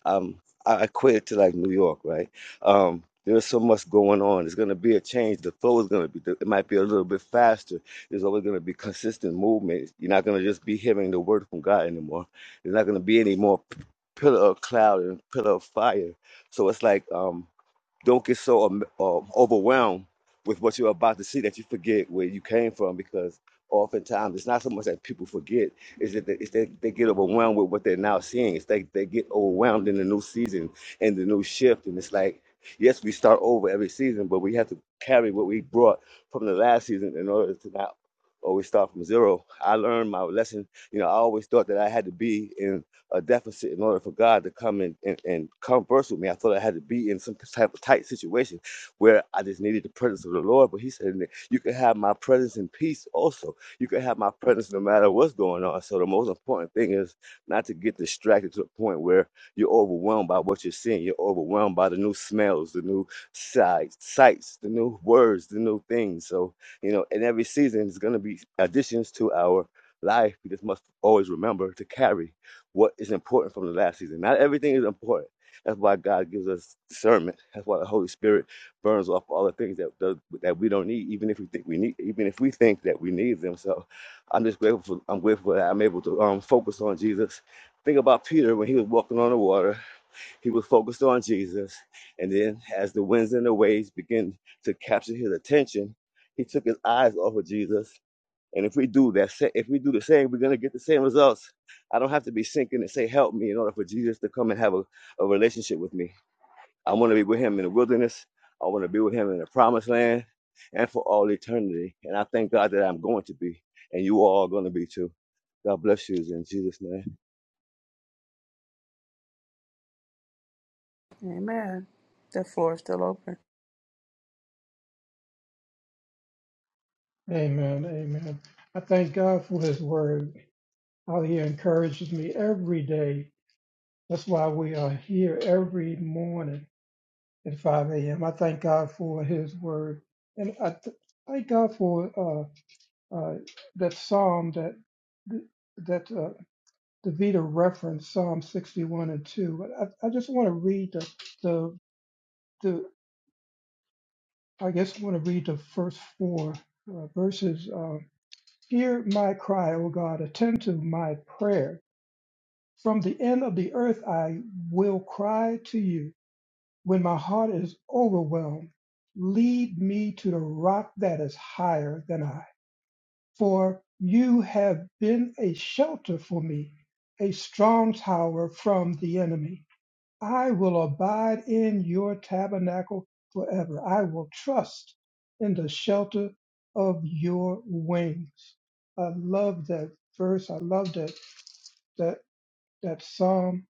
Speaker 5: Um, I I quit to like New York, right? Um, there's so much going on. It's gonna be a change. The flow is gonna be. It might be a little bit faster. There's always gonna be consistent movement. You're not gonna just be hearing the word from God anymore. There's not gonna be any more p- pillar of cloud and pillar of fire so it's like um, don't get so um, um, overwhelmed with what you're about to see that you forget where you came from because oftentimes it's not so much that people forget is that they, it's that they get overwhelmed with what they're now seeing. It's they they get overwhelmed in the new season and the new shift, and it's like yes, we start over every season, but we have to carry what we brought from the last season in order to not always start from zero. I learned my lesson. You know, I always thought that I had to be in a deficit in order for God to come and, and, and converse with me. I thought I had to be in some type of tight situation where I just needed the presence of the Lord. But he said, you can have my presence in peace also. You can have my presence no matter what's going on. So the most important thing is not to get distracted to the point where you're overwhelmed by what you're seeing. You're overwhelmed by the new smells, the new sights, sights, the new words, the new things. So, you know, in every season, there's going to be additions to our life. We just must always remember to carry what is important from the last season. Not everything is important. That's why God gives us discernment. That's why the Holy Spirit burns off all the things that that we don't need, even if we think we need, even if we think that we need them. So, I'm just grateful. For, I'm grateful that I'm able to um, focus on Jesus. Think about Peter when he was walking on the water. He was focused on Jesus, and then as the winds and the waves began to capture his attention, he took his eyes off of Jesus and if we do that, if we do the same, we're gonna get the same results. I don't have to be sinking and say, "Help me," in order for Jesus to come and have a, a relationship with me. I want to be with Him in the wilderness. I want to be with Him in the promised land, and for all eternity. And I thank God that I'm going to be, and you all are going to be too. God bless you in Jesus' name.
Speaker 6: Amen. The floor is still open.
Speaker 4: Amen. Amen. I thank God for his word, how he encourages me every day. That's why we are here every morning at 5 a.m. I thank God for his word. And I th- thank God for uh, uh, that psalm that that uh, Davida referenced, Psalm 61 and 2. I, I just want to read the, the, the I guess I want to read the first four uh, verses. Uh, Hear my cry, O God, attend to my prayer. From the end of the earth I will cry to you when my heart is overwhelmed. Lead me to the rock that is higher than I, for you have been a shelter for me, a strong tower from the enemy. I will abide in your tabernacle forever. I will trust in the shelter of your wings. I love that verse. I love that that that psalm,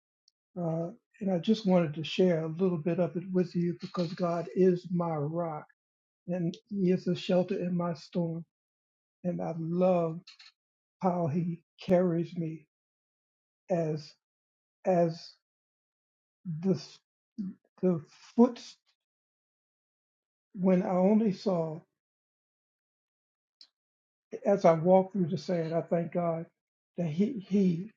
Speaker 4: uh, and I just wanted to share a little bit of it with you because God is my rock and He is a shelter in my storm. And I love how He carries me as as the the foot when I only saw. as I walk through the sand, I thank God that He He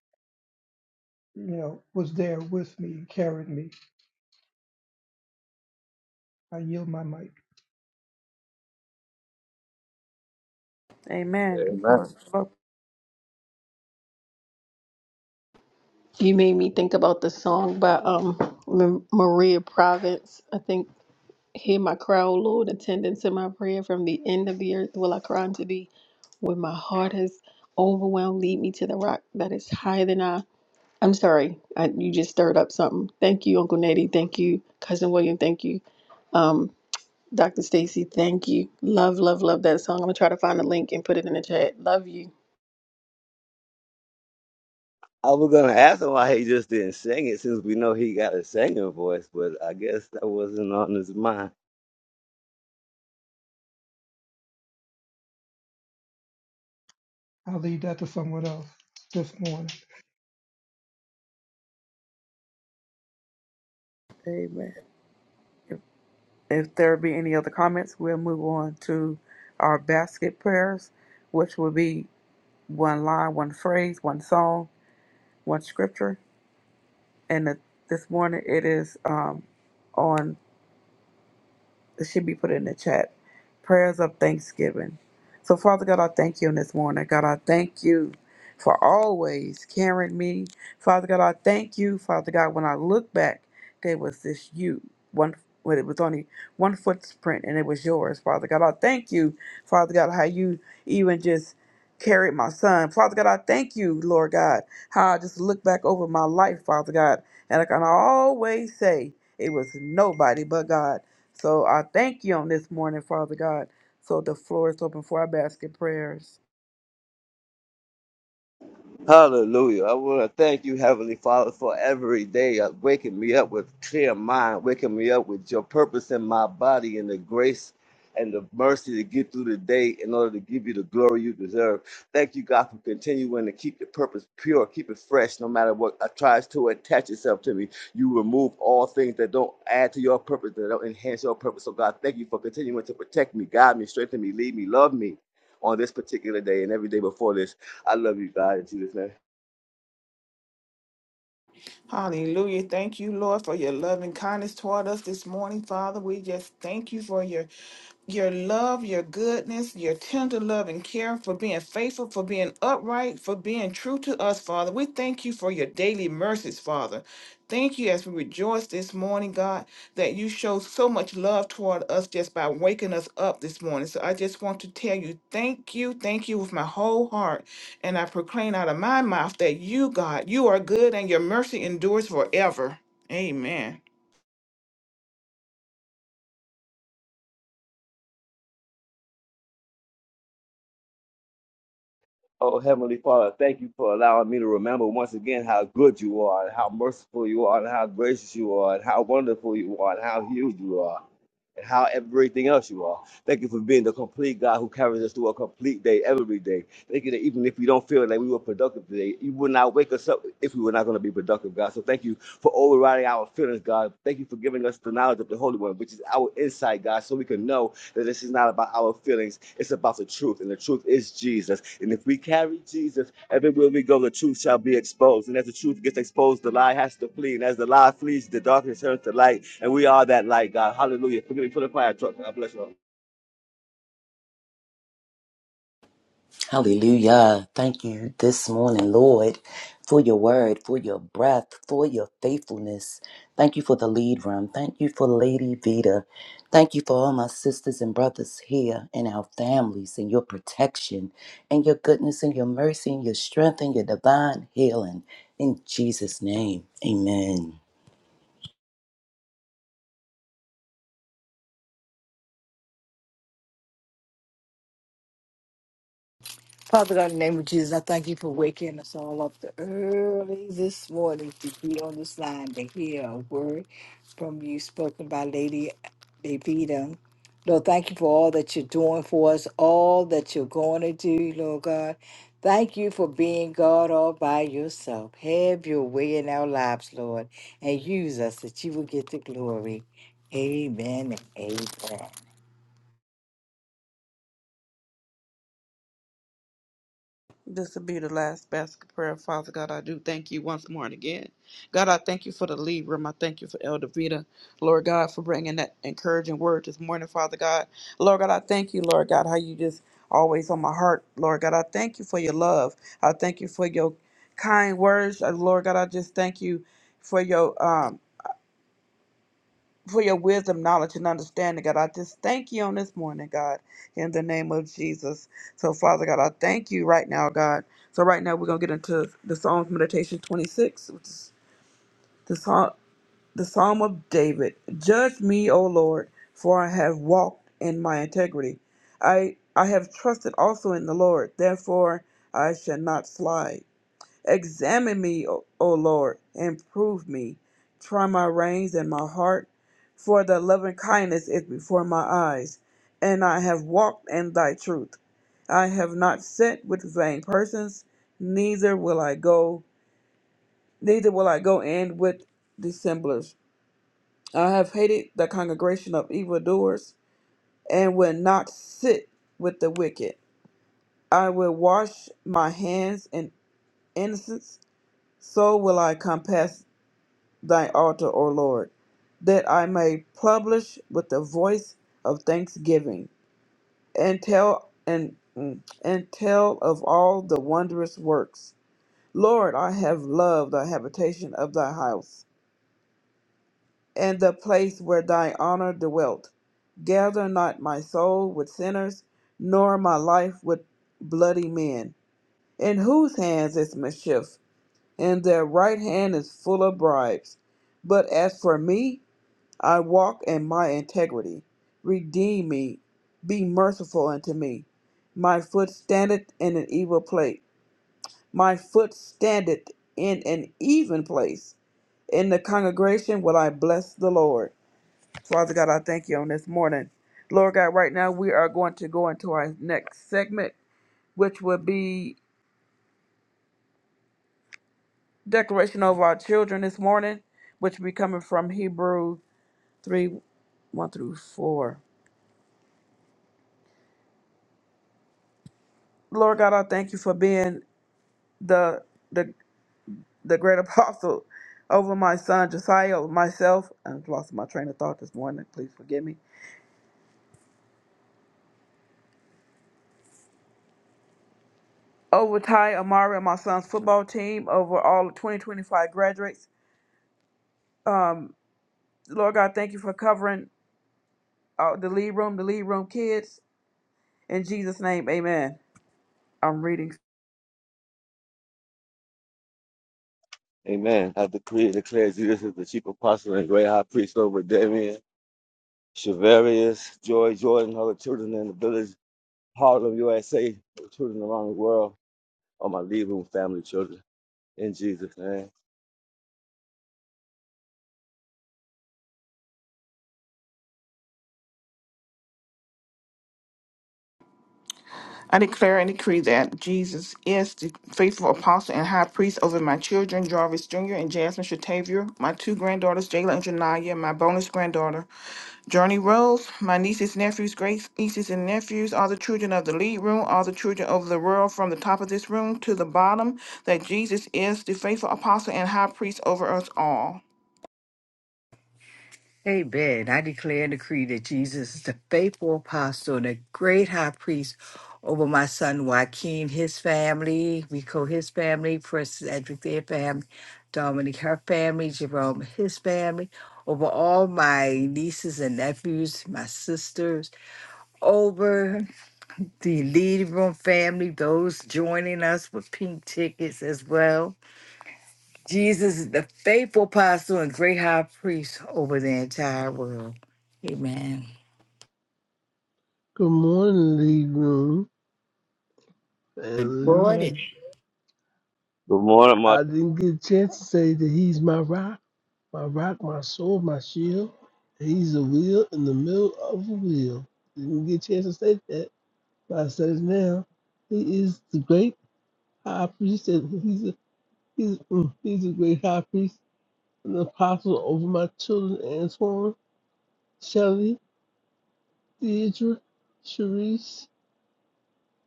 Speaker 4: you know was there with me and carried me. I yield my mic.
Speaker 6: Amen. The
Speaker 5: Amen.
Speaker 6: floor is still open.
Speaker 1: You made me think about the song by um Ma- Maria Province. I think, "Hear my cry, O Lord, attendance in my prayer. From the end of the earth will I cry unto Thee. When my heart is overwhelmed, lead me to the rock that is higher than I." I'm sorry, I, you just stirred up something. Thank you, Uncle Nettie. Thank you, cousin William. Thank you, um, Dr. Stacy. Thank you. Love, love, love that song. I'm gonna try to find the link and put it in the chat. Love you.
Speaker 5: I was gonna ask him why he just didn't sing it, since we know he got a singing voice, but I guess that wasn't on his mind.
Speaker 4: I'll leave that to someone else this morning.
Speaker 6: Amen. If there be any other comments, we'll move on to our basket prayers, which will be one line, one phrase, one song, one scripture. And it- this morning it is um, on It should be put in the chat. Prayers of thanksgiving. So, Father God, I thank you in this morning. God, I thank you for always carrying me. Father God, I thank you, Father God, when I look back, there was this you. One when it was only one footprint and it was yours, Father God. I thank you, Father God, how you even just carried my son. Father God, I thank you, Lord God, how I just look back over my life, Father God. And I can always say it was nobody but God. So I thank you on this morning, Father God. So the floor is open for our basket prayers.
Speaker 5: Hallelujah. I want to thank you, Heavenly Father, for every day of waking me up with clear mind, waking me up with your purpose in my body and the grace and the mercy to get through the day in order to give you the glory you deserve. Thank you, God, for continuing to keep the purpose pure, keep it fresh, no matter what uh, tries to attach itself to me. You remove all things that don't add to your purpose, that don't enhance your purpose. So, God, thank you for continuing to protect me, guide me, strengthen me, lead me, love me on this particular day and every day before this. I love you, God, in Jesus' name.
Speaker 3: Hallelujah. Thank you, Lord, for your loving kindness toward us this morning, Father. We just thank you for your your love, your goodness, your tender love and care for being faithful, for being upright, for being true to us, Father. We thank you for your daily mercies, Father. Thank you as we rejoice this morning, God, that you show so much love toward us just by waking us up this morning. So I just want to tell you, thank you, thank you with my whole heart. And I proclaim out of my mouth that you, God, you are good and your mercy endures forever. Amen.
Speaker 5: Oh, Heavenly Father, thank you for allowing me to remember once again how good you are, and how merciful you are, and how gracious you are, and how wonderful you are, and how huge you are, and how everything else you are. Thank you for being the complete God who carries us through a complete day every day. Thank you that even if we don't feel like we were productive today, you would not wake us up if we were not going to be productive, God. So thank you for overriding our feelings, God. Thank you for giving us the knowledge of the Holy One, which is our insight, God, so we can know That this is not about our feelings, it's about the truth, and the truth is Jesus. And if we carry Jesus, everywhere we go, the truth shall be exposed. And as the truth gets exposed, the lie has to flee. And as the lie flees, the darkness turns to light. And we are that light, God. Hallelujah. Forgive me for the fire truck. God bless you all.
Speaker 8: Hallelujah. Thank you this morning, Lord, for your word, for your breath, for your faithfulness. Thank you for the lead room. Thank you for Lady Vita. Thank you for all my sisters and brothers here and our families and your protection and your goodness and your mercy and your strength and your divine healing. In Jesus' name, amen.
Speaker 2: Father God, in the name of Jesus, I thank you for waking us all up the early this morning to be on this line to hear a word from you spoken by Lady Davida. Lord, thank you for all that you're doing for us, all that you're going to do, Lord God. Thank you for being God all by yourself. Have your way in our lives, Lord, and use us that you will get the glory. Amen and amen.
Speaker 6: This will be the last basket prayer, Father God. I do thank you once more and again. God, I thank you for the lead room. I thank you for Elder Vita. Lord God, for bringing that encouraging word this morning, Father God. Lord God, I thank you, Lord God, how you just always on my heart, Lord God. I thank you for your love. I thank you for your kind words. Uh, Lord God, I just thank you for your um, for your wisdom, knowledge, and understanding, God. I just thank you on this morning, God, in the name of Jesus. So, Father God, I thank you right now, God. So, right now, we're going to get into the Psalms Meditation 26, which is the Psalm, the Psalm of David. Judge me, O Lord, for I have walked in my integrity. I, I have trusted also in the Lord, therefore I shall not slide. Examine me, O, o Lord, and prove me. Try my reins and my heart, for thy loving kindness is before my eyes, and I have walked in thy truth. I have not sat with vain persons, neither will I go, neither will I go in with dissemblers. I have hated the congregation of evildoers, and will not sit with the wicked. I will wash my hands in innocence, so will I compass thy altar, O Lord, that I may publish with the voice of thanksgiving and tell and mm, and tell of all the wondrous works. Lord, I have loved the habitation of thy house and the place where thy honor dwelt. Gather not my soul with sinners, nor my life with bloody men, in whose hands is mischief, and their right hand is full of bribes. But as for me, I walk in my integrity. Redeem me. Be merciful unto me. My foot standeth in an evil place. My foot standeth in an even place. In the congregation will I bless the Lord. Father God, I thank you on this morning. Lord God, right now we are going to go into our next segment, which will be declaration of our children this morning, which will be coming from Hebrews 3 1 through 4. Lord God, I thank you for being the the the great apostle over my son Josiah, over myself. I've lost my train of thought this morning. Please forgive me. Over Ty Amari and my son's football team, over all the 2025 graduates. Lord God, thank you for covering uh, the lead room, the lead room kids. In Jesus' name, amen. I'm reading.
Speaker 5: Amen. I decree and declare Jesus is the chief apostle and great high priest over Damien, Shavarius, Joy, Jordan, all the children in the village, Harlem, USA, children around the world, all my leaving family children. In Jesus' name.
Speaker 3: I declare and decree that Jesus is the faithful apostle and high priest over my children, Jarvis Jr. and Jasmine Shatavia, my two granddaughters, Jayla and Janaya, my bonus granddaughter, Journey Rose, my nieces, nephews, great nieces and nephews, all the children of the lead room, all the children of the world, from the top of this room to the bottom, that Jesus is the faithful apostle and high priest over us all.
Speaker 2: Amen. I declare and decree that Jesus is the faithful apostle and the great high priest over my son Joaquin, his family, Rico, his family, Princess Edric, their family, Dominic, her family, Jerome, his family, over all my nieces and nephews, my sisters, over the lead room family, those joining us with pink tickets as well Jesus is the faithful apostle and great high priest over the entire world. Amen.
Speaker 15: Good morning, League Room
Speaker 2: And
Speaker 15: family.
Speaker 2: Lord,
Speaker 4: Morning.
Speaker 5: Good morning, my.
Speaker 15: I didn't get a chance to say that he's my rock, my rock, my soul, my shield. He's a wheel in the middle of a wheel. Didn't get a chance to say that, but I said it now. He is the great high priest, and he's a, he's mm, he's a great high priest, an apostle over my children, Antoine, Shelley, Deidre, Sharice,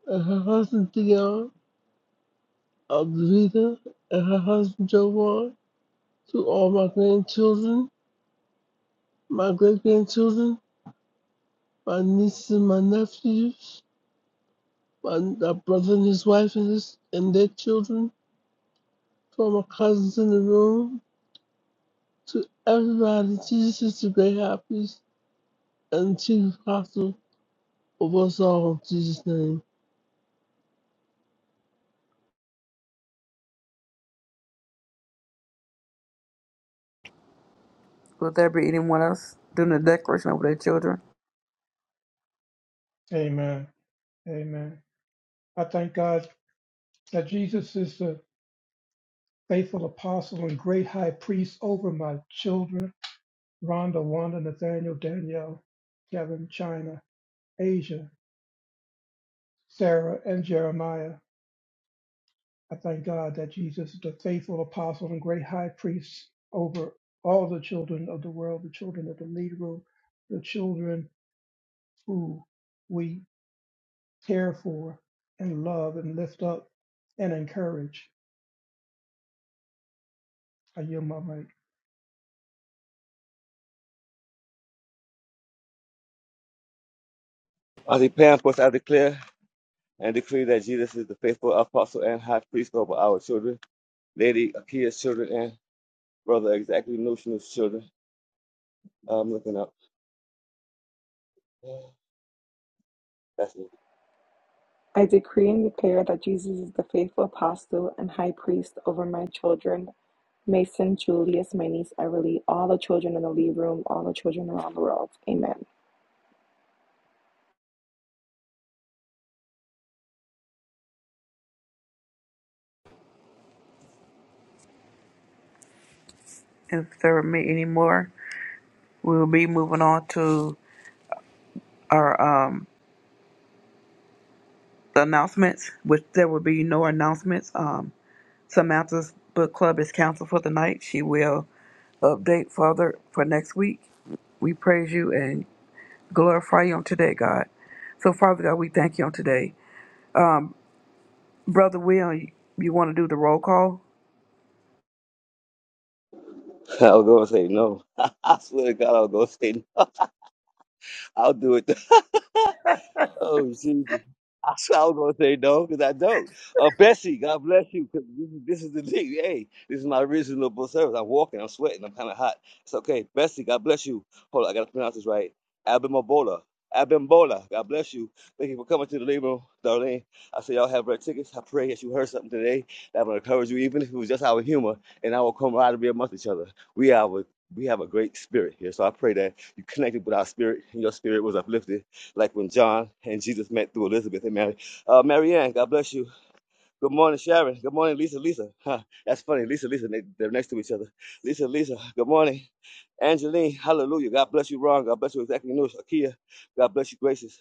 Speaker 15: and her husband Dion, Alvita, and her husband Jovan. to all my grandchildren, my great grandchildren, my nieces and my nephews, my, my brother and his wife and, his, and their children, to all my cousins in the room, to everybody. Jesus is the great high priest and chief apostle of us all in Jesus' name.
Speaker 6: Will there be anyone else doing the declaration over their children?
Speaker 4: Amen. Amen. I thank God that Jesus is the faithful apostle and great high priest over my children, Rhonda, Wanda, Nathaniel, Danielle, Kevin, China, Asia, Sarah, and Jeremiah. I thank God that Jesus is the faithful apostle and great high priest over all the children of the world, the children of the lead room, the children who we care for and love and lift up and encourage. I yield my mic.
Speaker 5: I declare, of course, I declare and decree that Jesus is the faithful apostle and high priest over our children, Lady Akia's children, and Brother Exactly Notional's children. I'm looking up. That's it.
Speaker 14: I decree and declare that Jesus is the faithful apostle and high priest over my children, Mason, Julius, my niece Everly, all the children in the lead room, all the children around the world. Amen.
Speaker 6: If there are me anymore, we will be moving on to our um, announcements, which there will be no announcements. Um, Samantha's book club is canceled for the night. She will update further for next week. We praise you and glorify you on today, God. So, Father God, we thank you on today. Brother Will. you, you want to do the roll call?
Speaker 5: i was gonna say no. I swear to God, i was gonna say no. I'll do it. Oh, Jesus. I swear I was going to say no because I don't. Uh, Bessie, God bless you because this is the thing. Hey, this is my reasonable service. I'm walking, I'm sweating, I'm kind of hot. It's okay. Bessie, God bless you. Hold on, I got to pronounce this right. Abimbola. Abimbola, God bless you. Thank you for coming to the labor, Darlene. I say y'all have red tickets. I pray that you heard something today that will encourage you, even if it was just our humor and our camaraderie amongst each other. We have a, we have a great spirit here. So I pray that you connected with our spirit and your spirit was uplifted like when John and Jesus met through Elizabeth and Mary. Uh, Mary Ann, God bless you. Good morning, Sharon. Good morning, Lisa. Lisa. Huh, that's funny. Lisa, Lisa, they, they're next to each other. Lisa, Lisa. Good morning. Angeline, hallelujah. God bless you, Ron. God bless you, exactly. News. Akia, God bless you, Graces.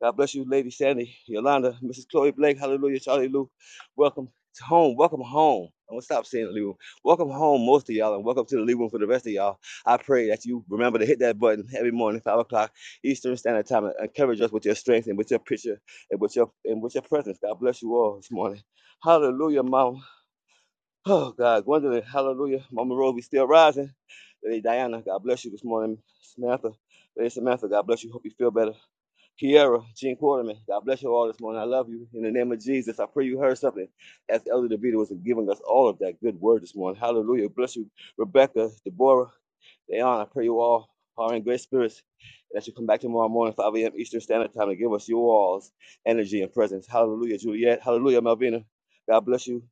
Speaker 5: God bless you, Lady Sandy, Yolanda, Mrs. Chloe Blake. Hallelujah, Charlie Lou. Welcome to home. Welcome home. I'm gonna stop saying the lead room. Welcome home, most of y'all, and welcome to the lead room for the rest of y'all. I pray that you remember to hit that button every morning, five o'clock Eastern Standard Time, and encourage us with your strength and with your picture and with your and with your presence. God bless you all this morning. Hallelujah, Mama. Oh God, Gwendolyn, hallelujah. Mama Rose, we still rising. Lady Diana, God bless you this morning. Samantha, Lady Samantha, God bless you. Hope you feel better. Kiera, Gene Quarterman, God bless you all this morning. I love you. In the name of Jesus, I pray you heard something as Elder DeVita was giving us all of that good word this morning. Hallelujah. Bless you, Rebecca, Deborah, Leon. I pray you all are in great spirits. That you come back tomorrow morning, 5 a.m. Eastern Standard Time, to give us your all's energy and presence. Hallelujah, Juliet. Hallelujah, Malvina. God bless you.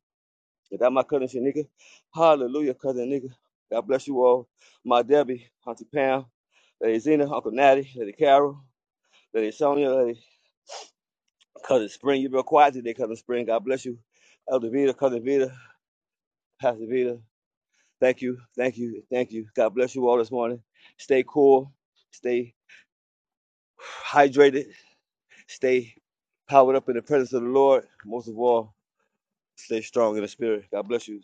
Speaker 5: Is that my cousin Shanika? Hallelujah, cousin Nika. God bless you all. My Debbie, Auntie Pam, Lady Zena, Uncle Natty, Lady Carol, Lady Sonia, Lady. Cousin Spring, you real quiet today, Cousin Spring. God bless you. Elder Vita, Cousin Vita, Pastor Vita. Thank you, thank you, thank you. God bless you all this morning. Stay cool, stay hydrated, stay powered up in the presence of the Lord. Most of all, stay strong in the spirit. God bless you.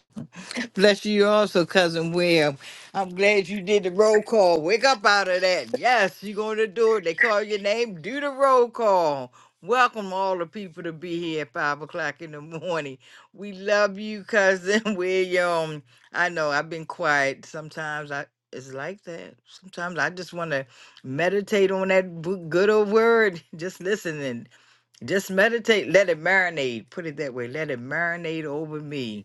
Speaker 2: Bless you also, cousin William. I'm glad you did the roll call. Wake up out of that. Yes, you're going to do it. They call your name. Do the roll call. Welcome all the people to be here at five o'clock in the morning. We love you, cousin William. I know I've been quiet. Sometimes I it's like that. Sometimes I just want to meditate on that bu- good old word. Just listen and just meditate. Let it marinate. Put it that way. Let it marinate over me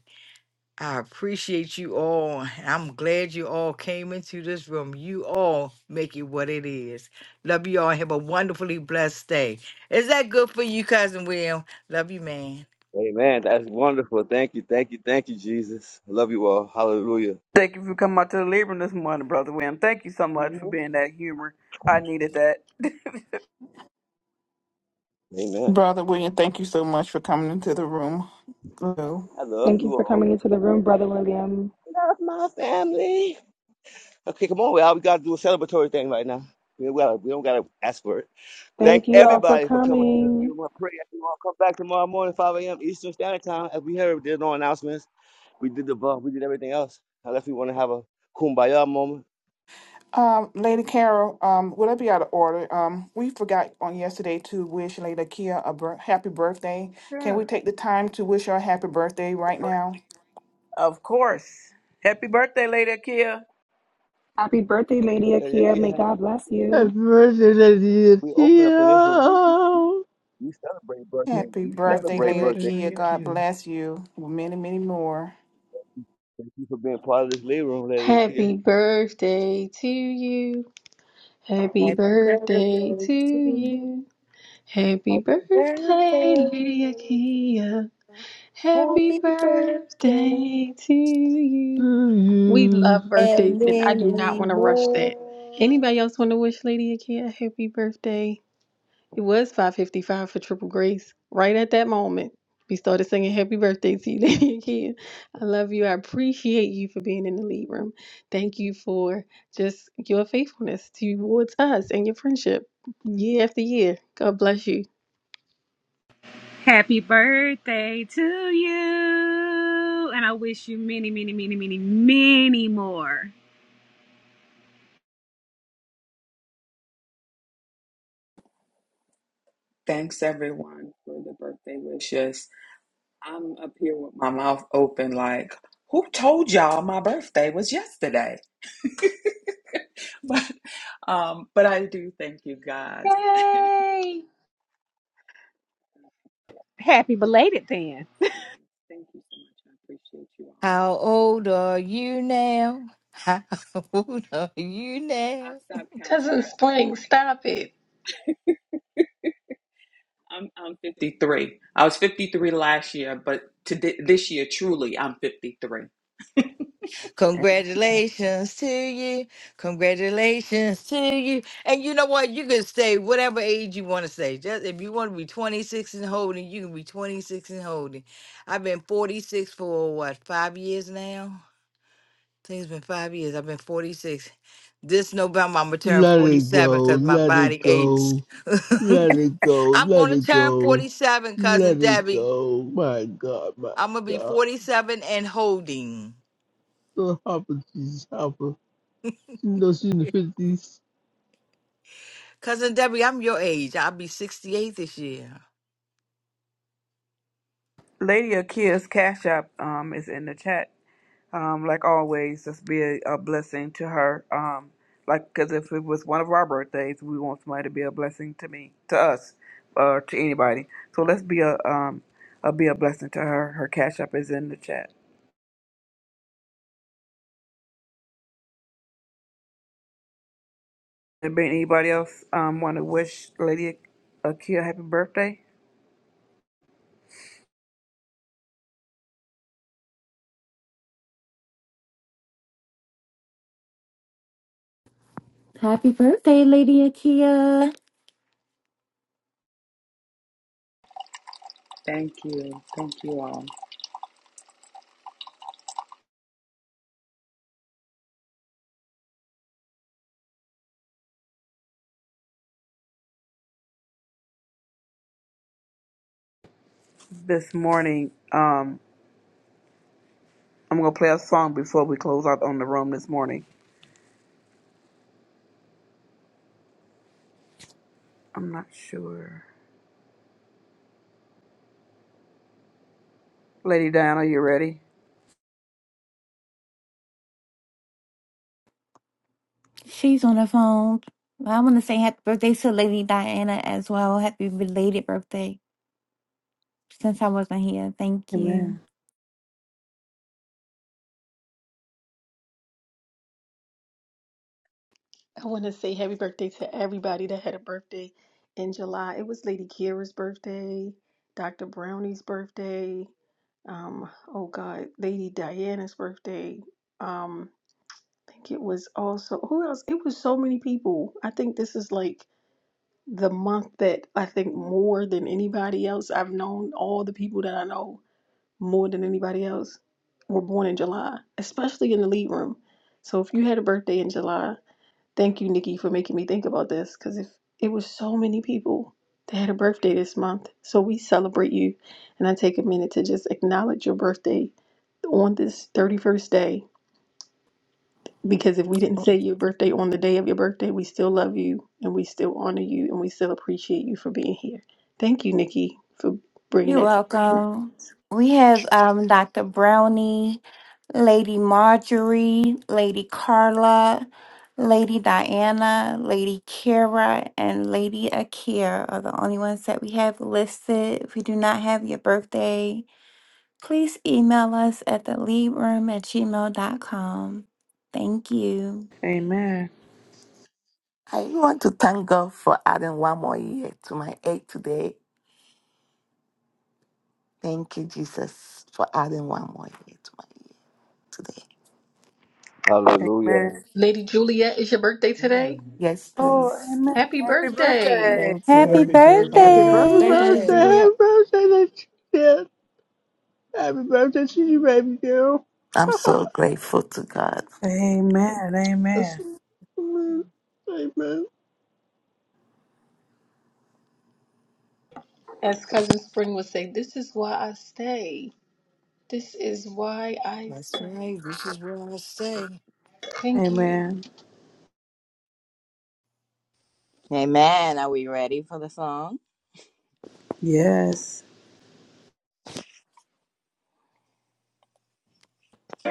Speaker 2: I appreciate you all. and I'm glad you all came into this room. You all make it what it is. Love you all. Have a wonderfully blessed day. Is that good for you, cousin William? Love you, man.
Speaker 5: Amen. That's wonderful. Thank you, thank you, thank you, Jesus. I love you all. Hallelujah.
Speaker 6: Thank you for coming out to the Libram this morning, Brother William. Thank you so much for
Speaker 5: Mhm.
Speaker 6: being that humor. I needed that.
Speaker 5: Amen.
Speaker 3: Brother William, thank you so much for coming into the room. Hello.
Speaker 5: I love
Speaker 14: Thank you
Speaker 5: you
Speaker 14: for
Speaker 5: all.
Speaker 14: coming into the room, Brother William.
Speaker 5: Love my family. Okay, come on. We all we gotta do a celebratory thing right now. We, gotta, we don't gotta ask for it.
Speaker 14: Thank
Speaker 5: Thank
Speaker 14: you all for
Speaker 5: everybody for coming to the
Speaker 14: coming.
Speaker 5: room. I pray you all come back tomorrow morning, 5 a.m. Eastern Standard Time. As we heard, there's no announcements. We did the bug, we did everything else. Unless we want to have a kumbaya moment.
Speaker 3: Um, Lady Carol, um, would I be out of order? Um, we forgot on yesterday to wish Lady Kia a bir- happy birthday. Can we
Speaker 6: sure.
Speaker 3: take the time to wish her a happy birthday right now?
Speaker 6: Of course. Happy birthday, Lady Akia.
Speaker 14: Happy birthday, Lady
Speaker 5: Let your
Speaker 14: Akia.
Speaker 5: kid
Speaker 14: May
Speaker 5: have
Speaker 14: God
Speaker 5: fun.
Speaker 14: bless
Speaker 15: Happy
Speaker 14: you.
Speaker 15: birthday, Lady
Speaker 5: We open up in this room. We, we
Speaker 15: Tia!
Speaker 5: we celebrate birthday.
Speaker 3: Happy
Speaker 5: We
Speaker 3: birthday,
Speaker 4: Happy
Speaker 5: celebrate
Speaker 3: Lady
Speaker 4: birthday,
Speaker 5: birthday.
Speaker 3: Kia.
Speaker 4: Lady
Speaker 3: God
Speaker 4: Akia.
Speaker 3: bless you. with Many, many more.
Speaker 5: Thank you for being part of this lead room, Lady kid.
Speaker 1: Happy birthday to you. Happy
Speaker 2: Happy birthday
Speaker 1: birthday
Speaker 2: to
Speaker 1: to
Speaker 2: you.
Speaker 1: you. Happy
Speaker 2: Happy birthday. to
Speaker 1: birthday, Lydia Akia.
Speaker 2: you.
Speaker 1: Happy
Speaker 2: Happy birthday.
Speaker 1: birthday to you.
Speaker 15: To
Speaker 1: We
Speaker 15: you.
Speaker 1: love
Speaker 2: And
Speaker 1: birthdays, and I do not
Speaker 2: many
Speaker 1: want to rush that.
Speaker 2: more.
Speaker 1: Anybody else want to wish Lydia Akia a happy birthday? It was 555 for Triple Grace. Right at that moment, we started singing happy birthday to you, Lady again. I love you. I appreciate you for being in the lead room. Thank you for just your faithfulness towards us and your friendship year after year. God bless you.
Speaker 7: Happy birthday to you. And I wish you many, many, many, many, many more.
Speaker 16: Thanks everyone for the birthday wishes. I'm up here with my mouth open, like, who told y'all my birthday was yesterday? But, um, but I do thank you guys.
Speaker 7: Happy belated then.
Speaker 16: Yes, Thank you so much. I appreciate you all.
Speaker 2: How old are you now? How old are you
Speaker 16: I
Speaker 2: now?
Speaker 16: stopped counting
Speaker 1: Cousin
Speaker 16: after
Speaker 1: Spring, stop it.
Speaker 16: I'm I'm 53. I was 53 last year, but to thi- this year, truly, I'm 53.
Speaker 2: Congratulations to you. Congratulations to you. And you know what? You can say whatever age you want to say. Just if you want to be 26 and holding, you can be 26 and holding. I've been 46 for what, five years now? I think it's been five years. I've been 46. This November, I'm going to turn
Speaker 15: Let it
Speaker 2: 47
Speaker 15: go,
Speaker 2: because my
Speaker 15: let it
Speaker 2: body aches.
Speaker 15: go. Let it go,
Speaker 2: I'm
Speaker 15: let
Speaker 2: going to
Speaker 15: it
Speaker 2: turn
Speaker 15: go,
Speaker 2: 47, cousin
Speaker 15: let it
Speaker 2: Debbie.
Speaker 15: go. My God, my
Speaker 2: I'm going to be
Speaker 15: God.
Speaker 2: 47 and holding.
Speaker 15: Little Hopper, Jesus Hopper. You know she's in the 50s.
Speaker 2: Cousin Debbie, I'm your age. I'll be 68 this year.
Speaker 6: Lady Akia's Cash App um, is in the chat. um, like always, just be a, a blessing to her. Um, like, because if it was one of our birthdays, we want somebody to be a blessing to me, to us, or to anybody. So let's be a um, uh, be a blessing to her. Her cash app is in the chat. Anybody else um, want to wish Lady Akia happy birthday
Speaker 17: Happy birthday, Lady Akia.
Speaker 16: Thank you. Thank you all.
Speaker 6: this morning? Um, I'm gonna play a song before we close out on the room this morning. I'm not sure. Lady Diana, you ready?
Speaker 17: She's on the phone. I want to say happy birthday to Lady Diana as well. Happy belated birthday since I wasn't here. Thank you.
Speaker 6: Amen.
Speaker 1: I want to say happy birthday to everybody that had a birthday in July. It was Lady Kira's birthday, Dr. Brownie's birthday, um, oh God, Lady Diana's birthday. Um, I think it was also, who else? It was so many people. I think this is like the month that I think more than anybody else, I've known all the people that I know more than anybody else were born in July, especially in the lead room. So if you had a birthday in July, Thank you, Nikki, for making me think about this because if it was so many people that had a birthday this month. So we celebrate you. And I take a minute to just acknowledge your birthday on this 31st day because if we didn't say your birthday on the day of your birthday, we still love you and we still honor you and we still appreciate you for being here. Thank you, Nikki, for bringing
Speaker 17: You're
Speaker 1: that to
Speaker 17: welcome. We have um, Dr. Brownie, Lady Marjorie, Lady Carla, Lady Diana, Lady Kira, and Lady Akia are the only ones that we have listed. If you do not have your birthday, please email us at the leadroom at gmail.com. Thank you.
Speaker 6: Amen.
Speaker 18: I want to thank God for adding one more year to my age today. Thank you, Jesus, for adding one more year to my year today.
Speaker 6: Amen.
Speaker 5: Hallelujah.
Speaker 1: Lady Juliet, is your birthday
Speaker 2: Yeah.
Speaker 1: today?
Speaker 18: Yes,
Speaker 6: Oh,
Speaker 18: please.
Speaker 6: amen.
Speaker 1: Happy
Speaker 6: Happy
Speaker 1: birthday!
Speaker 6: birthday.
Speaker 18: Thank
Speaker 17: Happy
Speaker 4: Happy
Speaker 18: you.
Speaker 2: Happy
Speaker 3: Happy
Speaker 4: birthday.
Speaker 15: Happy
Speaker 17: birthday.
Speaker 3: birthday, Lady
Speaker 15: birthday,
Speaker 2: birthday.
Speaker 3: Juliet.
Speaker 15: happy birthday, that kid. Happy birthday to you, baby girl.
Speaker 18: I'm so grateful to God.
Speaker 6: Amen.
Speaker 15: That's
Speaker 6: Amen.
Speaker 15: amen. Amen.
Speaker 1: As Cousin Spring would say, this is why I stay. This is why I
Speaker 2: That's
Speaker 1: say
Speaker 2: right. This is where I stay.
Speaker 1: thank you.
Speaker 6: Amen.
Speaker 19: Amen. Are we ready for the song?
Speaker 6: Yes.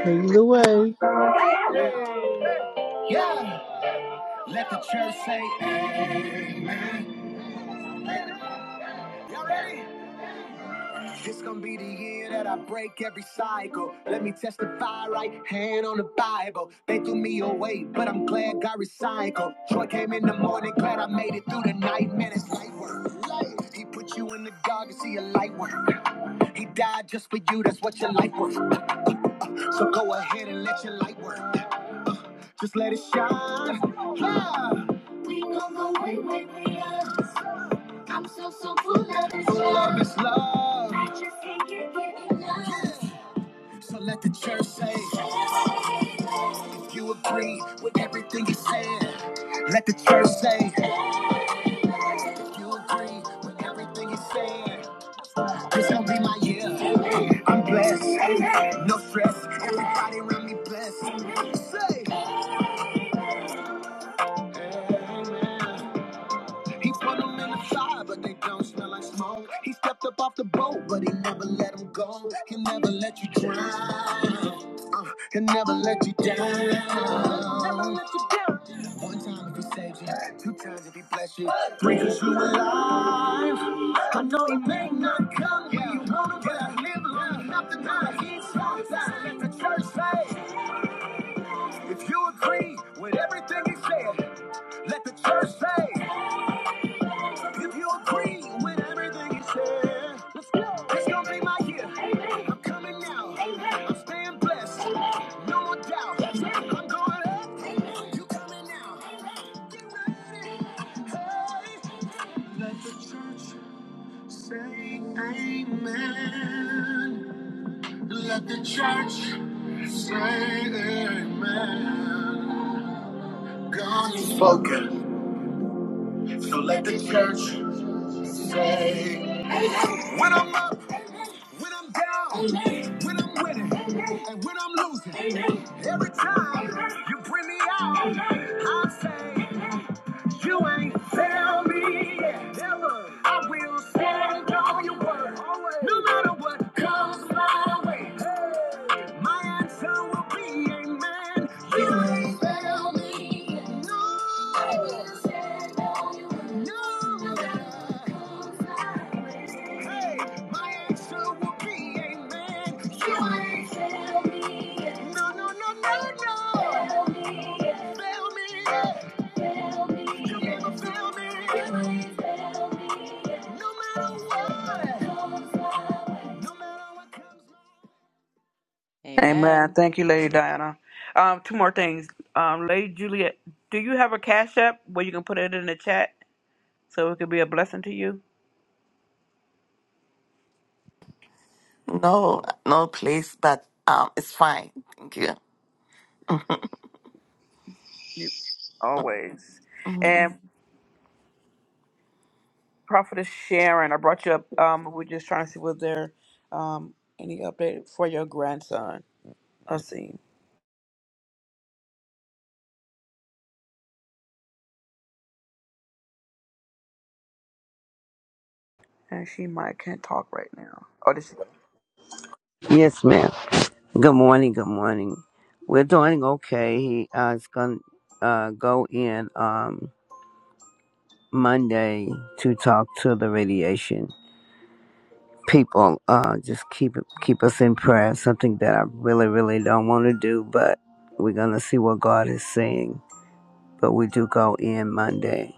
Speaker 15: Take it away.
Speaker 19: Yeah, let the church say this gonna be the year that I break every cycle. Let me testify right hand on the Bible. They threw me away, but I'm glad God recycled. Joy came in the morning, glad I made it through the night. Man, it's light work. Light. He put you in the dark to see your light work. He died just for you, that's what your life worth. So go ahead and let your light work. Just let it shine. Yeah. We gonna go way, way, way up. I'm so so full of this full love. of this love. I just can't get enough. Yeah. So let the church say, if you agree with everything he's saying. Let the church say, if you agree with everything he's saying. This gonna be my year. Amen. I'm blessed. Amen. No stress. Everybody around me blessed. Amen. Say. Amen. He put them in the fire, but they don't smell like smoke. He stepped up off the boat, but he never let them go. He'll never let you drown. Uh, he'll never let you down. One time if he saves you, two times if he bless you, three cause you alive. I know he may not come when you want him, but I live long enough to know that he's outside. Let the church say, if you agree with everything he said, let the church say. If you agree with everything he said, it's gonna be my year. Amen. I'm coming now. Amen. I'm staying blessed. Amen. No more doubt. Yes, sir. I'm going up. Amen. You coming now. Amen. Hey. Let the church say amen. Let the church say amen. God has spoken. Say when I'm up. When I'm down, when I'm winning, and when I'm losing, every time you bring me out, I say. You ain't tell me ever. I will stand on your word. Always. No matter what comes my way. Hey. My answer will be amen. You ain't tell me. yet. No. I will stand on your word. No. No matter what comes my way. Hey. My answer will be amen. You you ain't tell me. yet. No, no, no, no, no. Tell me. Tell me. yet no no
Speaker 6: Amen.
Speaker 19: Amen.
Speaker 6: Thank you, Lady Diana. Um, two more things. Um, Lady Juliet, do you have a cash app where you can put it in the chat so it could be a blessing to you?
Speaker 18: No, no, please, but um, it's fine. Thank you.
Speaker 6: you always.
Speaker 18: Mm.
Speaker 6: And Prophetess Sharon, I brought you up. Um, we're just trying to see was there um any update for your grandson. I see. And she might can't talk right now. Oh, did she go?
Speaker 20: Yes, ma'am. Good morning. Good morning. We're doing okay. He uh, is going to uh, go in um, Monday to talk to the radiation people. Uh, just keep keep us in prayer. Something that I really, really don't want to do, but we're going to see what God is saying. But we do go in Monday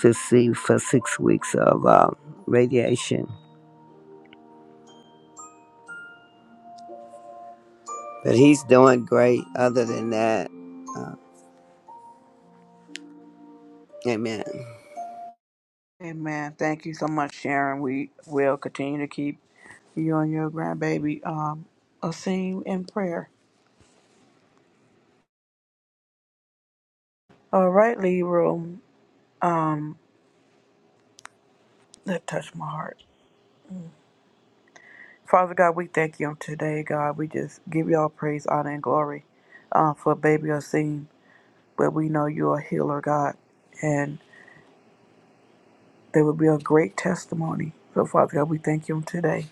Speaker 20: to see for six weeks of uh, radiation. But he's doing great. Other than that, uh, Amen.
Speaker 6: Amen. Thank you so much, Sharon. We will continue to keep you and your grandbaby um a scene in prayer. All right, Leroy. Um, that touched my heart. Father God, we thank you on today, God. We just give y'all praise, honor, and glory uh, for baby Osim. But we know you're a healer, God, and there will be a great testimony. So, Father God, we thank you on today.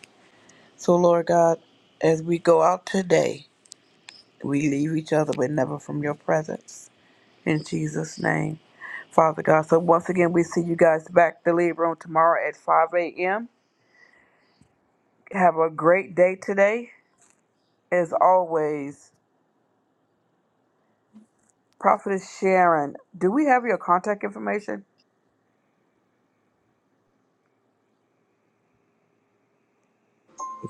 Speaker 6: So, Lord God, as we go out today, we leave each other, but never from your presence. In Jesus' name, Father God. So once again, we see you guys back the lead room tomorrow at 5 a.m. Have a great day today. As always, Prophetess Sharon, do we have your contact information?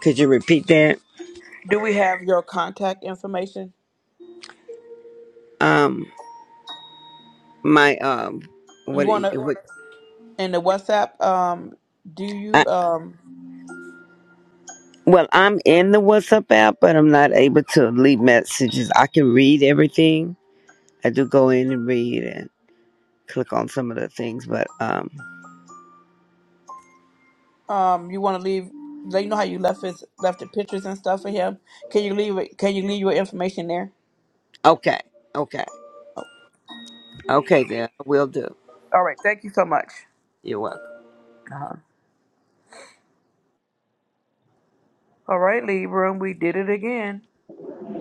Speaker 20: Could you repeat that?
Speaker 6: Do we have your contact information?
Speaker 20: Um. my um
Speaker 6: You
Speaker 20: what,
Speaker 6: want to,
Speaker 20: what
Speaker 6: in the WhatsApp, um, do you,
Speaker 20: I,
Speaker 6: um,
Speaker 20: well i'm in the whatsapp app but i'm not able to leave messages i can read everything i do go in and read and click on some of the things but um
Speaker 6: um, you want to leave, They know how you left his, left the pictures and stuff for him. Can you leave it, can you leave your information there?
Speaker 20: okay okay okay then i will do
Speaker 6: All right. Thank you so much.
Speaker 20: you're welcome
Speaker 6: Uh-huh. All right, lead room. We did it again.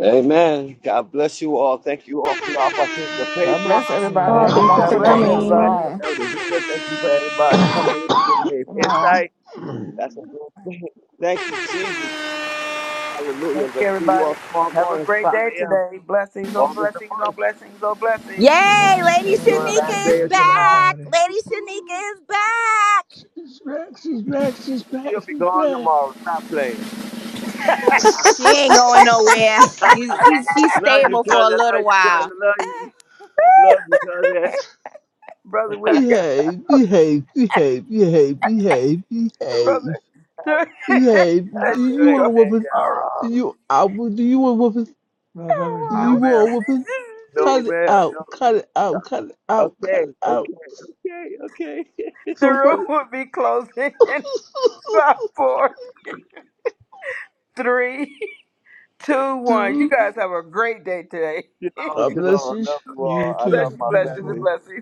Speaker 5: Amen. God bless you all. Thank you all for your
Speaker 3: God
Speaker 5: participation.
Speaker 3: bless everybody.
Speaker 14: Oh,
Speaker 5: Thank
Speaker 3: Have a
Speaker 5: you
Speaker 4: Amen,
Speaker 14: thank you
Speaker 5: for
Speaker 6: God
Speaker 5: the
Speaker 14: for
Speaker 3: wonderful
Speaker 4: amen,
Speaker 6: bless
Speaker 5: words
Speaker 3: day.
Speaker 5: of
Speaker 4: amen.
Speaker 14: coming.
Speaker 6: everybody.
Speaker 5: wisdom,
Speaker 3: Shalom.
Speaker 5: Elder Vita. Thank you for everybody coming in and giving me insight.
Speaker 3: Shalom.
Speaker 5: That's a good thing. Thank you, Jesus. Hallelujah.
Speaker 6: Thank you,
Speaker 5: Let's see you
Speaker 6: everybody.
Speaker 5: all tomorrow
Speaker 6: Have a
Speaker 5: morning,
Speaker 6: great
Speaker 5: 5
Speaker 6: day
Speaker 5: a.m.,
Speaker 6: today. Blessings on
Speaker 5: August the
Speaker 6: blessings on
Speaker 5: 1st.
Speaker 6: blessings on blessings.
Speaker 19: Yay,
Speaker 4: Shalom,
Speaker 19: Lady
Speaker 5: Enjoy the
Speaker 4: shalom.
Speaker 19: Shanika
Speaker 5: last
Speaker 4: God
Speaker 5: day
Speaker 19: is
Speaker 5: of
Speaker 4: bless
Speaker 5: July.
Speaker 19: back.
Speaker 4: everybody.
Speaker 19: Lady Shanika is back.
Speaker 15: She's back, she's back, she's back,
Speaker 5: She'll be
Speaker 15: she's
Speaker 5: gone
Speaker 15: back.
Speaker 5: tomorrow. Stop playing.
Speaker 19: She ain't going nowhere. She's she's she's
Speaker 5: Love you,
Speaker 19: stable for a
Speaker 5: cousin.
Speaker 19: little
Speaker 5: Love you,
Speaker 19: while.
Speaker 5: cousin. Love you. Love you, cousin.
Speaker 6: Brother, we'll get
Speaker 15: Behave, behave, behave, behave, behave, behave.
Speaker 6: brother.
Speaker 15: Yeah,
Speaker 6: There
Speaker 5: Have
Speaker 15: do
Speaker 5: a
Speaker 6: we
Speaker 15: you
Speaker 5: great
Speaker 15: want
Speaker 6: go
Speaker 15: a
Speaker 5: day,
Speaker 15: weapon?
Speaker 6: tomorrow.
Speaker 15: Do
Speaker 5: y'all.
Speaker 15: You I would- do you want a whooping?
Speaker 4: love
Speaker 15: Do
Speaker 6: Oh,
Speaker 5: No,
Speaker 15: you
Speaker 4: everybody.
Speaker 15: want a
Speaker 5: ma'am.
Speaker 15: weapon?
Speaker 5: No,
Speaker 6: wow.
Speaker 15: Cut it
Speaker 5: ma'am.
Speaker 15: out,
Speaker 5: No.
Speaker 15: cut it out, cut it out, cut
Speaker 5: Okay,
Speaker 15: it out.
Speaker 5: okay, okay, okay.
Speaker 6: the
Speaker 15: So
Speaker 6: room
Speaker 15: funny.
Speaker 6: will be closing in five, four, three, two, one. You
Speaker 15: Dude,
Speaker 6: guys have a great day today.
Speaker 5: shalom,
Speaker 15: God
Speaker 5: shalom.
Speaker 15: bless you.
Speaker 5: I love you all.
Speaker 4: You
Speaker 5: I love
Speaker 6: bless
Speaker 4: too.
Speaker 6: you,
Speaker 5: my
Speaker 4: You
Speaker 6: bless
Speaker 4: as
Speaker 6: you,
Speaker 5: family.
Speaker 6: the
Speaker 4: well.
Speaker 6: blessings.